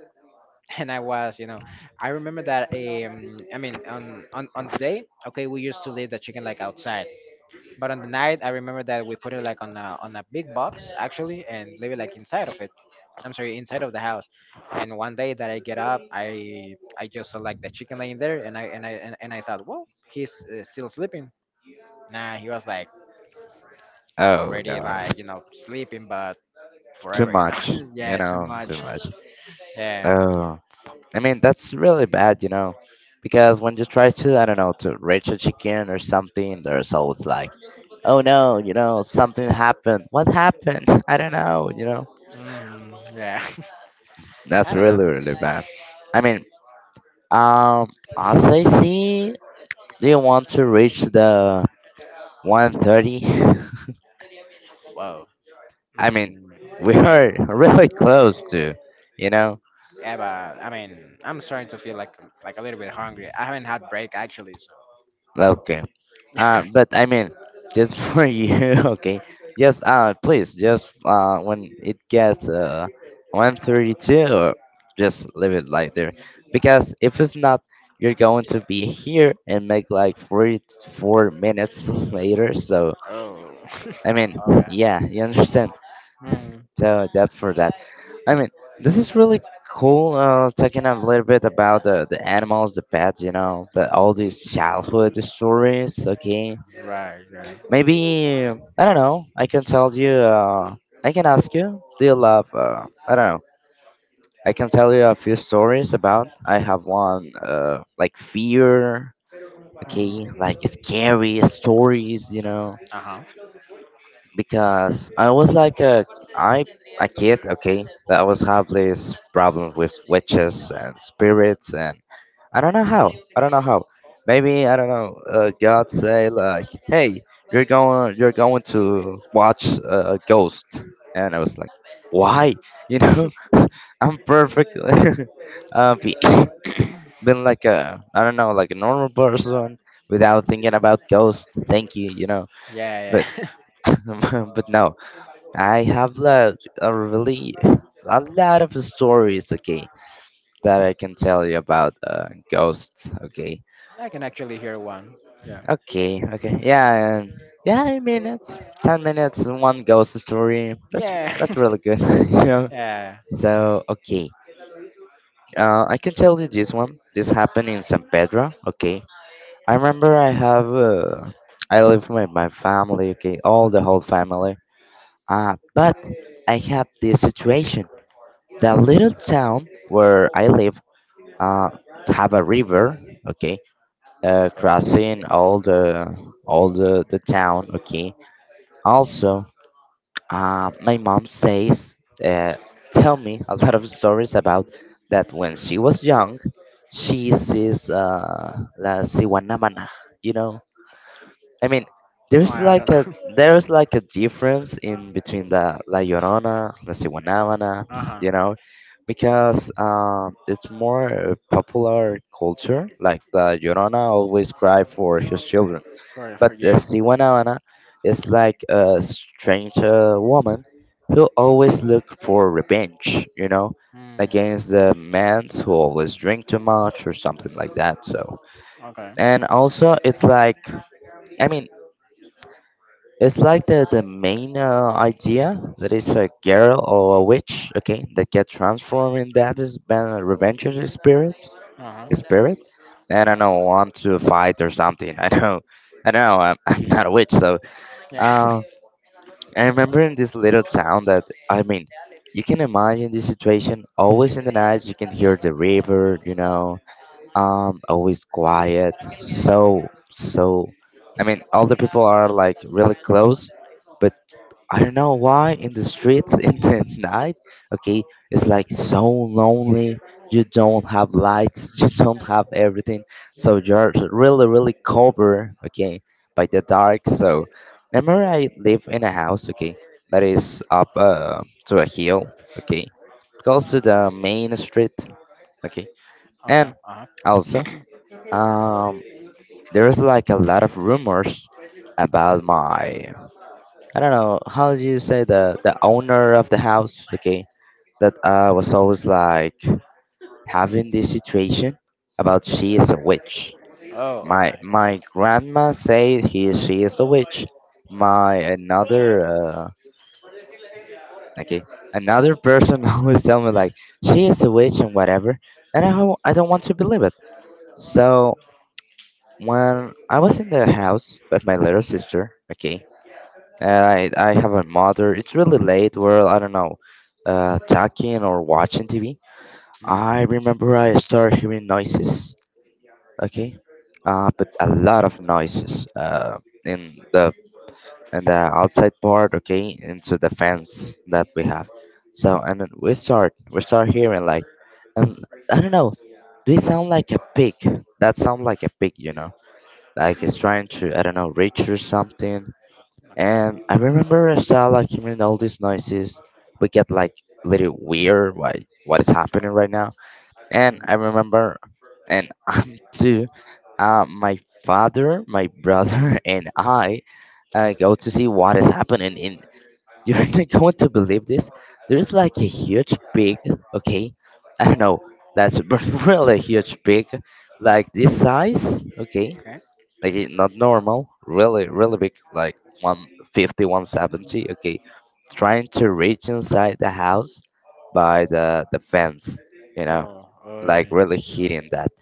S2: And I was, you know, I remember that. I mean, on the day, okay, we used to leave the chicken like outside, but on the night, I remember that we put it like on a big box actually, and leave it like inside of it. I'm sorry, inside of the house. And one day that I get up, I just saw like the chicken laying there, and I thought, well, he's still sleeping. Nah, he was like
S3: Oh
S2: already
S3: no,
S2: like you know sleeping, but
S3: too
S2: forever, you
S3: much.
S2: know.
S3: You
S2: Yeah, too
S3: know, too
S2: much.
S3: much.
S2: Yeah.
S3: Oh, I mean that's really bad. You know, because when you try to, I don't know, to reach a chicken or something, there's always like, oh no, you know, something happened. What happened? I don't know. You know,
S2: Mm, yeah.
S3: that's
S2: I don't know.
S3: really really bad. I mean, um, as I see, do you want to reach the 130?
S2: Wow.
S3: I mean,
S2: Mm,
S3: we
S2: I mean,
S3: are really close to, you know.
S2: yeah, but I mean, I'm starting to feel like a little bit hungry. I haven't had break actually, so.
S3: Okay. But I mean, just for you, okay. Just, please, just when it gets 132, or just leave it like there, because if it's not, you're going to be here and make like 44 minutes later. So
S2: Oh.
S3: I mean,
S2: Okay.
S3: yeah, you understand.
S2: Mm,
S3: So that for that. I mean, this is really cool. Talking a little bit about the animals, the pets, all these childhood stories. Okay,
S2: right. Yeah.
S3: maybe I don't know. I can tell you. I can ask you. Do you love? I don't know. I can tell you a few stories about. I have one. Like fear. Okay, like
S2: Mm.
S3: scary stories. You know,
S2: Uh huh.
S3: because I was like I a kid, okay, that always have this problem with witches and spirits, and I don't know how. Maybe I don't know. God say like, hey, you're going to watch a ghost, and I was like, why? You know, I'm perfect. uh, be, been like a I don't know, like a normal person without thinking about ghosts. Thank you.
S2: Yeah.
S3: But but no. I have like a really a lot of stories, okay, that I can tell you about ghosts, okay,
S2: I can actually hear one. Yeah.
S3: okay, okay, yeah, and yeah, I mean it's 10 minutes and one ghost story. That's
S2: Yeah.
S3: that's really good, you know.
S2: yeah.
S3: So okay, I can tell you this one. This happened in San Pedro, okay. I remember I live with my family, okay, all the whole family. Ah, but I had this situation. The little town where I live uh, have a river, okay,
S2: Okay.
S3: crossing all the town, okay. Also, my mom says, uh, tell me a lot of stories about that when she was young, she sees la Siwanamana, you know, I mean,
S2: No,
S3: there's
S2: I don't
S3: like a
S2: know.
S3: there's like a difference in between the La Llorona, La Ciguanábana,
S2: uh huh.
S3: you know, because it's more popular culture. Like the Llorona always cry for his children,
S2: For
S3: but the
S2: yeah.
S3: Ciguanábana is like a strange woman who always look for revenge, you know,
S2: Mm,
S3: against the men who always drink too much or something like that. So,
S2: okay.
S3: and also it's like, I mean it's like the main idea that it's a girl or a witch, okay, that get transformed in that is been a revenge of spirits,
S2: Uh huh.
S3: spirit, and I don't know want to fight or something. I don't know. I'm not a witch, so
S2: Yeah.
S3: uh, I remember in this little town that I mean, you can imagine this situation. Always in the night, you can hear the river, you know, always quiet. So, I mean, all the people are like really close but. I don't know why in the streets in the night, okay, it's like so lonely. You don't have lights, you don't have everything, so you're really, really covered, okay, by the dark. So, remember, I live in a house, okay, that is up to a hill, okay, close to the main street, okay,
S2: okay.
S3: and
S2: Uh huh.
S3: also, um, there's like a lot of rumors about my I don't know how do you say the owner of the house. Okay, that was always like having this situation about she is a witch.
S2: Oh, okay.
S3: My grandma said he she is a witch. My another Okay, another person always tell me like she is a witch and whatever, and I don't want to believe it. So when I was in the house with my little sister, okay, and I have a mother. It's really late. Well, I don't know, talking or watching TV.
S2: Mm,
S3: I remember I started hearing noises. Okay, but a lot of noises. In the outside part. Okay, into the fence that we have. So and then we start hearing like, and I don't know. They sound like a pig. That sound like a pig. You know, like it's trying to I don't know reach or something.
S2: okay.
S3: And I remember a child like hearing all these noises. We get like a little weird like what is happening right now. And I remember and I'm too my father, my brother and I go to see what is happening in you're not going to believe this. There's like a huge pig, okay? I don't know, that's really huge pig,
S2: Mm,
S3: like this size, okay?
S2: okay.
S3: Not normal, really, really big, like 150, 170. Okay, trying to reach inside the house by the fence, you know,
S2: Oh, oh.
S3: like really hitting that.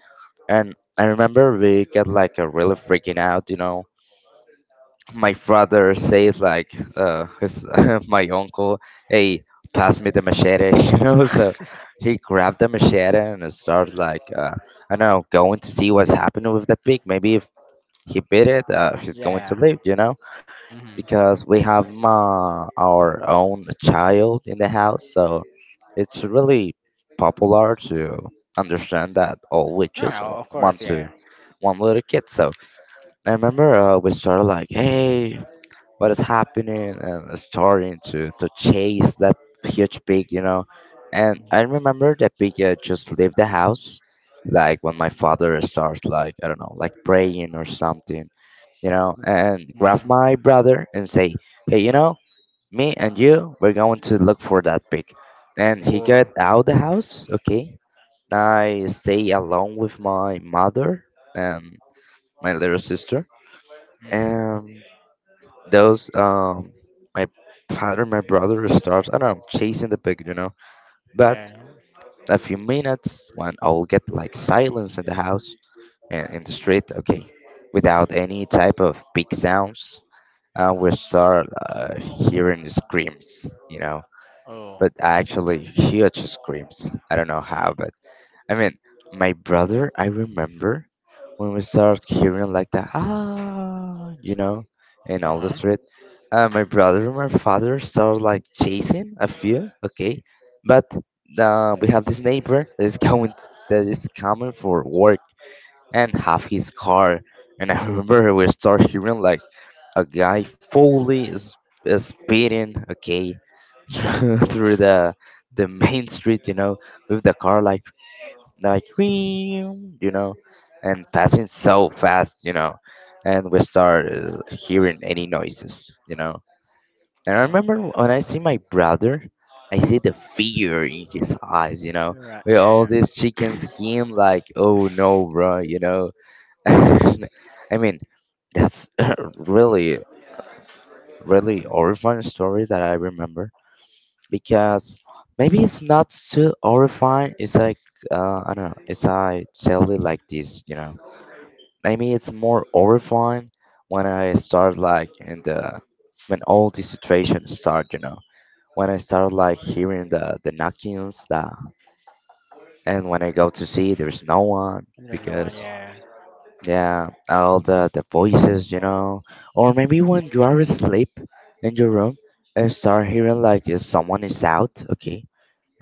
S3: And I remember we got like a really freaking out, you know. My father says like, uh, his, my uncle, hey, pass me the machete, you know. So he grabbed the machete and starts like, I don't know, going to see what's happening with the pig. Maybe if he beat it, he's going to
S2: yeah.
S3: live, you know,
S2: Hmm.
S3: because we have ma our own child in the house. So it's really popular to understand that all
S2: No,
S3: witches
S2: no, of
S3: want
S2: course,
S3: to
S2: yeah.
S3: one little kid. So I remember we started like, hey, what is happening and starting to chase that huge pig, you know. And I remember the pig just left the house, like when my father starts like I don't know, like praying or something, you know, and grab
S2: Hmm.
S3: my brother and say, hey, you know, me and you, we're going to look for that pig. And he got
S2: Or.
S3: out the house, okay. I stay alone with my mother and my little sister.
S2: Hmm.
S3: And those my father my brother starts I don't know chasing the pig, you know, but
S2: Yeah.
S3: a few minutes when I'll get like silence in the house and in the street, okay, without any type of big sounds, we start hearing screams, you know, but
S2: Oh,
S3: actually huge screams I don't know how.
S2: uh
S3: I mean, my brother, I remember when we started hearing like the ah, you know, in all the
S2: huh,
S3: street. My brother and my father started like chasing a few, okay, but we have this neighbor that is coming for work and have his car. And I remember we start hearing like a guy fully is speeding, okay, through the main street, you know, with the car like we you know, and passing so fast, you know, and we start hearing any noises, you know. And
S2: uh
S3: I
S2: huh.
S3: remember when I see my brother, I see the fear in his eyes, you know,
S2: Right,
S3: with
S2: yeah,
S3: all
S2: yeah.
S3: this chicken skin like oh no, bro, you know. I mean that's really really horrifying story that I remember, because maybe it's not too horrifying. It's like I don't know. It's I tell it like this, you know. Maybe it's more horrifying when I start like in the when all these situations start, you know. When I start like hearing the knockings, the and when I go to see, there's no one,
S2: And there's no one,
S3: because
S2: yeah.
S3: yeah, all the voices, you
S2: Mm.
S3: know. Or maybe when you are asleep in your room and start hearing like if someone is out, okay,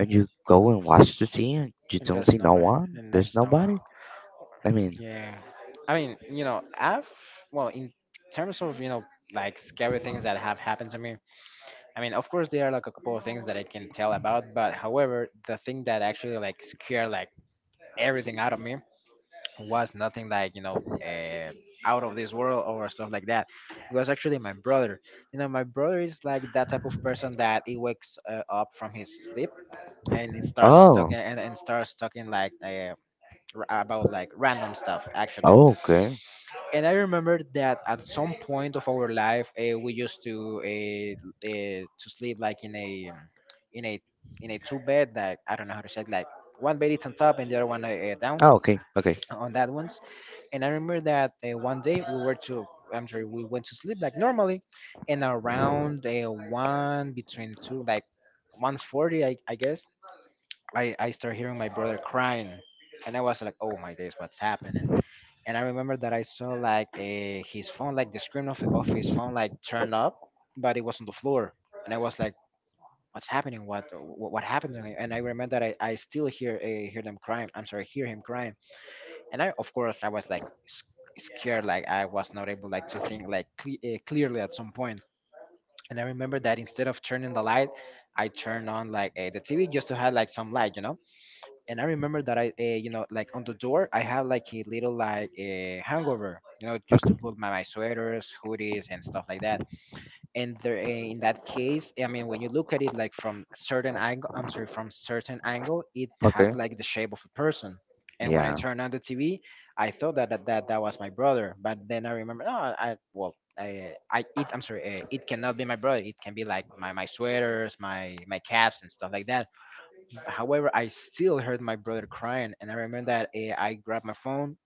S3: and you go and watch the scene, you
S2: And
S3: don't
S2: there's
S3: see no
S2: nobody,
S3: one.
S2: and
S3: There's
S2: there's no one.
S3: nobody. I mean,
S2: Yeah. I mean, you know, well, in terms of, you know, like scary things that have happened to me, I mean, of course, there are like a couple of things that I can tell about, but however, the thing that actually like scared like everything out of me was nothing like you know out of this world or stuff like that. It was actually my brother. You know, my brother is like that type of person that he wakes up from his sleep and he starts talking
S3: oh,
S2: and starts talking like about like random stuff actually.
S3: oh, okay,
S2: And I remember that at some point of our life we used to sleep like in a in a in a two bed that I don't know how to say it, like one bed is on top and the other one down
S3: oh, okay, okay,
S2: on that one. And I remember that one day we were to, I'm sorry, we went to sleep like normally, and around one between two, like 1:40, I guess, I start hearing my brother crying, and I was like, oh my days, what's happening? And I remember that I saw like his phone, like the screen of his phone, like turned up, but it was on the floor, and I was like. What's happening? What happened to him? And I remember that I still hear hear them crying. I'm sorry, hear him crying. And I of course I was like scared, like I was not able like to think like clearly at some point. And I remember that instead of turning the light, I turned on like the TV just to have like some light, you know. And I remember that I you know like on the door I have like a little like a hangover you know, just to
S3: okay,
S2: put my sweaters, hoodies and stuff like that. And there in that case I mean when you look at it like from certain angle, I'm sorry, from certain angle it
S3: okay,
S2: has like the shape of a person. And when I
S3: yeah,
S2: turned on the TV, I thought that that was my brother, but then I remember, oh, I well I it I'm sorry, it cannot be my brother, it can be like my sweaters, my caps and stuff like that. However, I still heard my brother crying. And I remember that I grabbed my phone.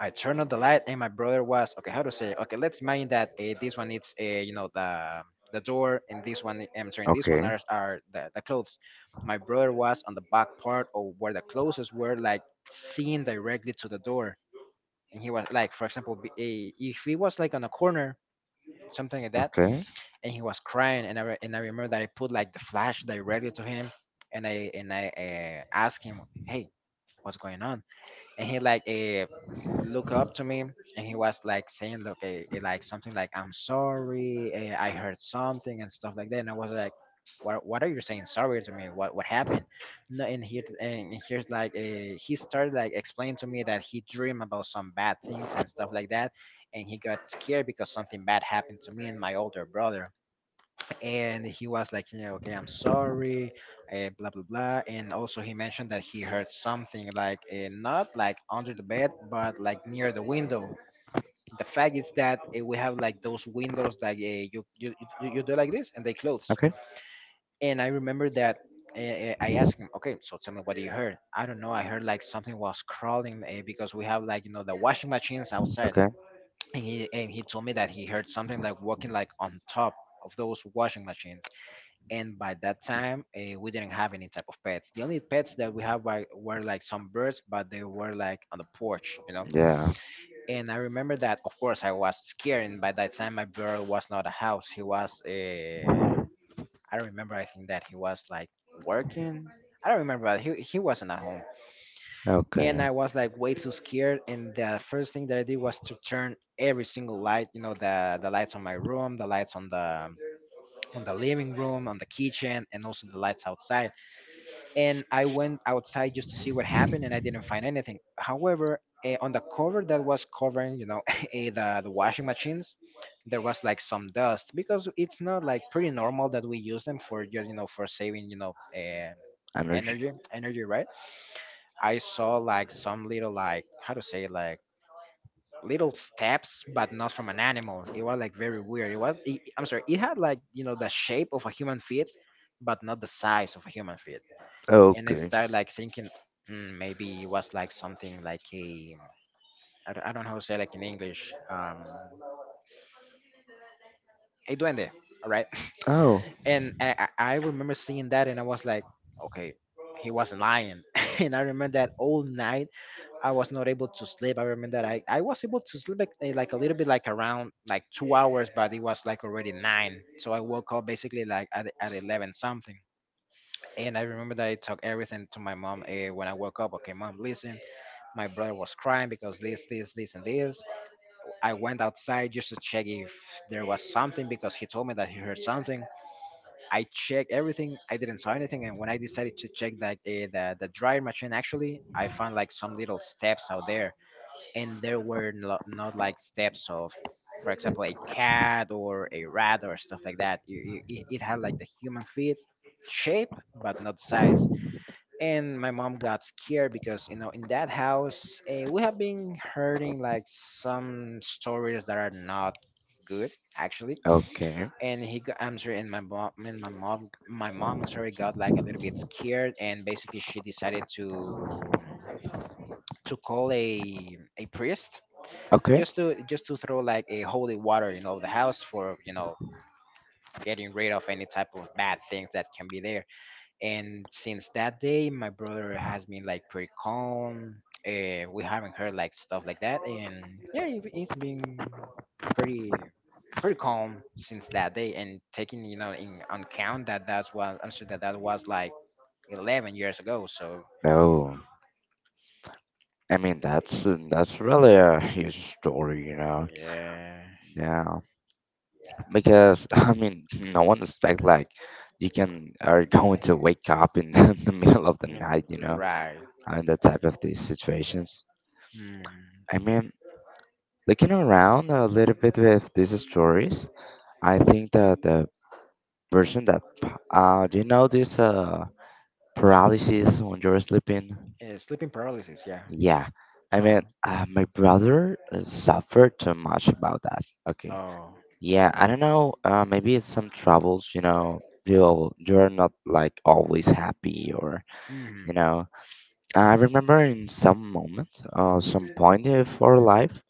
S2: I turned on the light, and my brother was okay. How to say? Okay, let's imagine that this one it's you know the door, and this one I'm sorry, this one
S3: okay,
S2: are the clothes. My brother was on the back part of where the clothes were, like seen directly to the door. And he was like, for example, if he was like on a corner, something like that.
S3: okay,
S2: And he was crying, and and I remember that I put like the flash directly to him. And I and I asked him, hey, what's going on? And he like look up to me and he was like saying look like something like I'm sorry, I heard something and stuff like that. And I was like, what are you saying sorry to me? What happened? No, and he and here's like he started like explaining to me that he dreamed about some bad things and stuff like that, and he got scared because something bad happened to me and my older brother. And he was like, you know, okay, I'm sorry, blah blah blah. And also he mentioned that he heard something like not like under the bed, but like near the window. The fact is that we have like those windows that you you do like this and they close.
S3: okay,
S2: And I remember that. I asked him, okay, so tell me what you heard. I don't know. I heard like something was crawling because we have like you know the washing machines outside.
S3: okay,
S2: And he told me that he heard something like walking like on top of those washing machines. And by that time we didn't have any type of pets. The only pets that we have were like some birds, but they were like on the porch, you know.
S3: yeah,
S2: And I remember that of course I was scared, and by that time my brother was not at house. He was I remember I think that he was like working. I don't remember, but he wasn't at home. And
S3: okay,
S2: I was like way too scared, and the first thing that I did was to turn every single light, you know, the lights on my room, the lights on the living room, on the kitchen, and also the lights outside. And I went outside just to see what happened, and I didn't find anything. However, eh, on the cover that was covering, you know, the washing machines, there was like some dust because it's not like pretty normal that we use them for just you know for saving you know eh,
S3: energy,
S2: energy right. I saw like some little like how to say like little steps, but not from an animal. It was like very weird. I'm sorry, it had like you know the shape of a human feet, but not the size of a human feet. And I
S3: okay,
S2: started like thinking, mm, maybe it was like something like a I don't know how to say like in English, um, a duende, all right?
S3: oh,
S2: And I remember seeing that and I was like, okay, he wasn't lying. And I remember that all night I was not able to sleep. I remember that I was able to sleep like, eh, like a little bit like around like 2 hours, but it was like already nine. So I woke up basically like at 11 something. And I remember that I talked everything to my mom eh, when I woke up. Okay, mom, listen. My brother was crying because this, and this. I went outside just to check if there was something because he told me that he heard something. I checked everything. I didn't saw anything. And when I decided to check that the dryer machine, actually, I found like some little steps out there. And there were no, not like steps of, for example, a cat or a rat or stuff like that. It, it had like the human feet shape, but not size. And my mom got scared because you know in that house eh, we have been hearing like some stories that are not good actually.
S3: okay,
S2: And he got I'm sorry and my mom, sorry, got like a little bit scared. And basically she decided to call a priest
S3: okay,
S2: just to throw like a holy water you know the house for you know getting rid of any type of bad things that can be there. And since that day, my brother has been like pretty calm. We haven't heard like stuff like that, and yeah, it's been pretty calm since that day. And taking you know in on count that that's what I'm sure that that was like 11 years ago. So
S3: no. I mean that's really a huge story, you know.
S2: yeah,
S3: Yeah, because I mean, no one expect like you can are going to wake up in the middle of the
S2: you know,
S3: night, you know,
S2: right.
S3: in that type of these situations.
S2: Mm.
S3: I mean, looking around a little bit with these stories, I think that person that, do you know this paralysis when you're sleeping?
S2: Sleeping paralysis. Yeah.
S3: Yeah. I
S2: Uh
S3: mean, my brother suffered too much about that.
S2: huh.
S3: Okay.
S2: Oh.
S3: Yeah, I don't know. Maybe it's some troubles, you know. You're not like always happy, or you
S2: Hmm.
S3: know. I remember in some moment, some point of our life.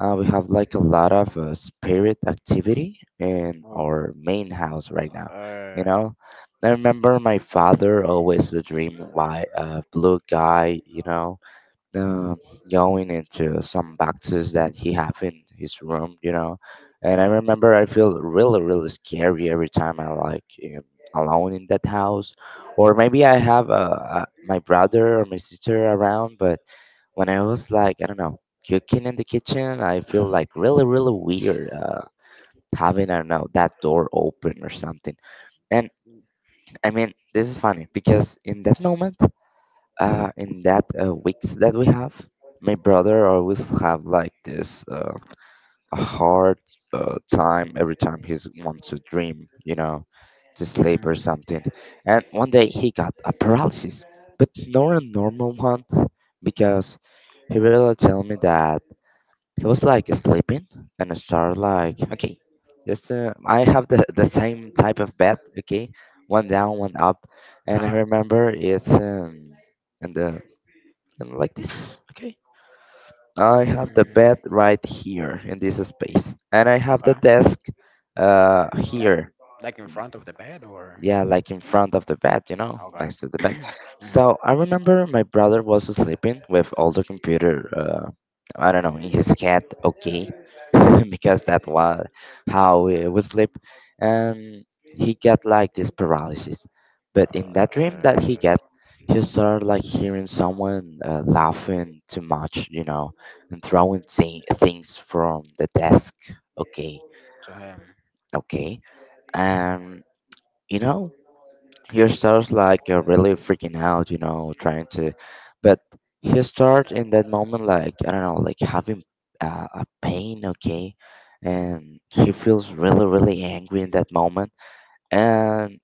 S3: We have like a lot of spirit activity in
S2: Oh.
S3: our main house right now. You
S2: Uh.
S3: know, I remember my father always a dream white blue guy. You know, um, going into some boxes that he have in his room. You know, and I
S2: No.
S3: remember I feel really really scary every time I like am alone in that house, or maybe I have my brother or my sister around, but when I was like, I don't know, cooking in the kitchen, I feel like really, really weird having, I don't know, that door open or something. And I mean, this is funny because in that moment, in that weeks that we have, my brother always have like this a hard time every time he's wants to dream, you know, to sleep or
S2: Hmm.
S3: something. And one day he got a paralysis, but not a normal one because he really told me that he was like sleeping and I started like, okay, just I have the same type of bed, okay, one down, one up. And I
S2: Uh huh.
S3: remember it's and, the and like this, okay. I have the bed
S2: Mm.
S3: right here in this space, and I have the
S2: Okay.
S3: desk
S2: Like
S3: here,
S2: like in front of the bed or
S3: yeah, like in front of the bed, you know,
S2: okay.
S3: next to the bed.
S2: Hmm.
S3: So I remember my brother was sleeping with all the computer, I don't know, in his head, okay, because that was how he would sleep, and he got like this paralysis. But in that dream that he
S2: Uh,
S3: got, he started like hearing someone laughing too much, you know, and throwing things from the desk. Okay,
S2: to him.
S3: okay, and you know he starts like really freaking out, you know, trying to, but he starts in that moment like I don't know, like having a pain, okay, and he feels really really angry in that moment, and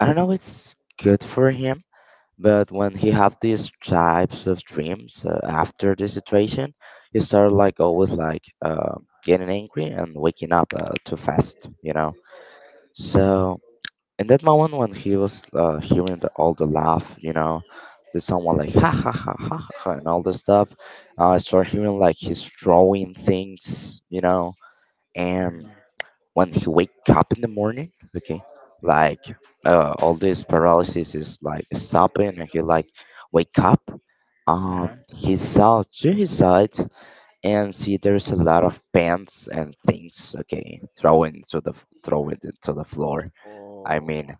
S3: I don't know, it's good for him. But when he have these types of dreams after this situation, he start like always like getting angry and waking up too fast, you know. So in that moment when he was hearing all the laugh, you know, the someone like ha ha ha ha ha ha," and all this stuff, I started hearing like he's drawing things, you know, and
S2: Hmm.
S3: when he wake up in the morning, okay, like all this paralysis is like stopping, and he like wake up.
S2: Uh-huh.
S3: He saw to his side and see there's a lot of pants and things, okay, thrown to the throw it into the floor. I
S2: Oh,
S3: mean,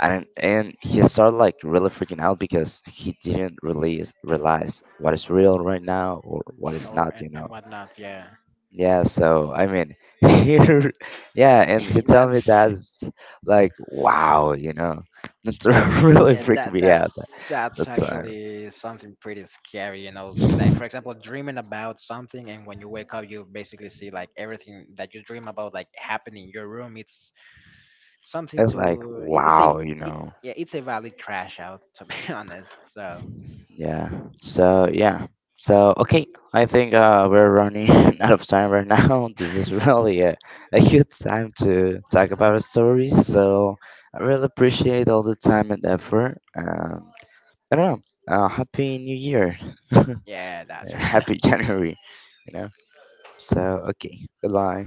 S3: and he started like really freaking out because he didn't really realize what is real right now or what is
S2: oh,
S3: not, you know.
S2: and whatnot. Yeah,
S3: Yeah, so I mean here, yeah, and he told me
S2: that's.
S3: that's like wow, you know. It really
S2: Yeah,
S3: freaked
S2: that
S3: me out
S2: that's that's
S3: that time.
S2: actually something pretty scary, you know. Like
S3: It's
S2: for example, dreaming about something and when you wake up you basically see like everything that you dream about like happening in your room. It's something
S3: like
S2: to it- it's
S3: wow,
S2: a
S3: you
S2: it,
S3: know.
S2: yeah, it's a valid crash out to be honest. So,
S3: Yeah. So yeah. So okay, I think we're running out of time right now. This is really a good time to talk about our stories. So I really appreciate all the time and effort. I don't know. Happy New Year.
S2: yeah, that's
S3: Happy
S2: right.
S3: January. You know. So okay. Goodbye.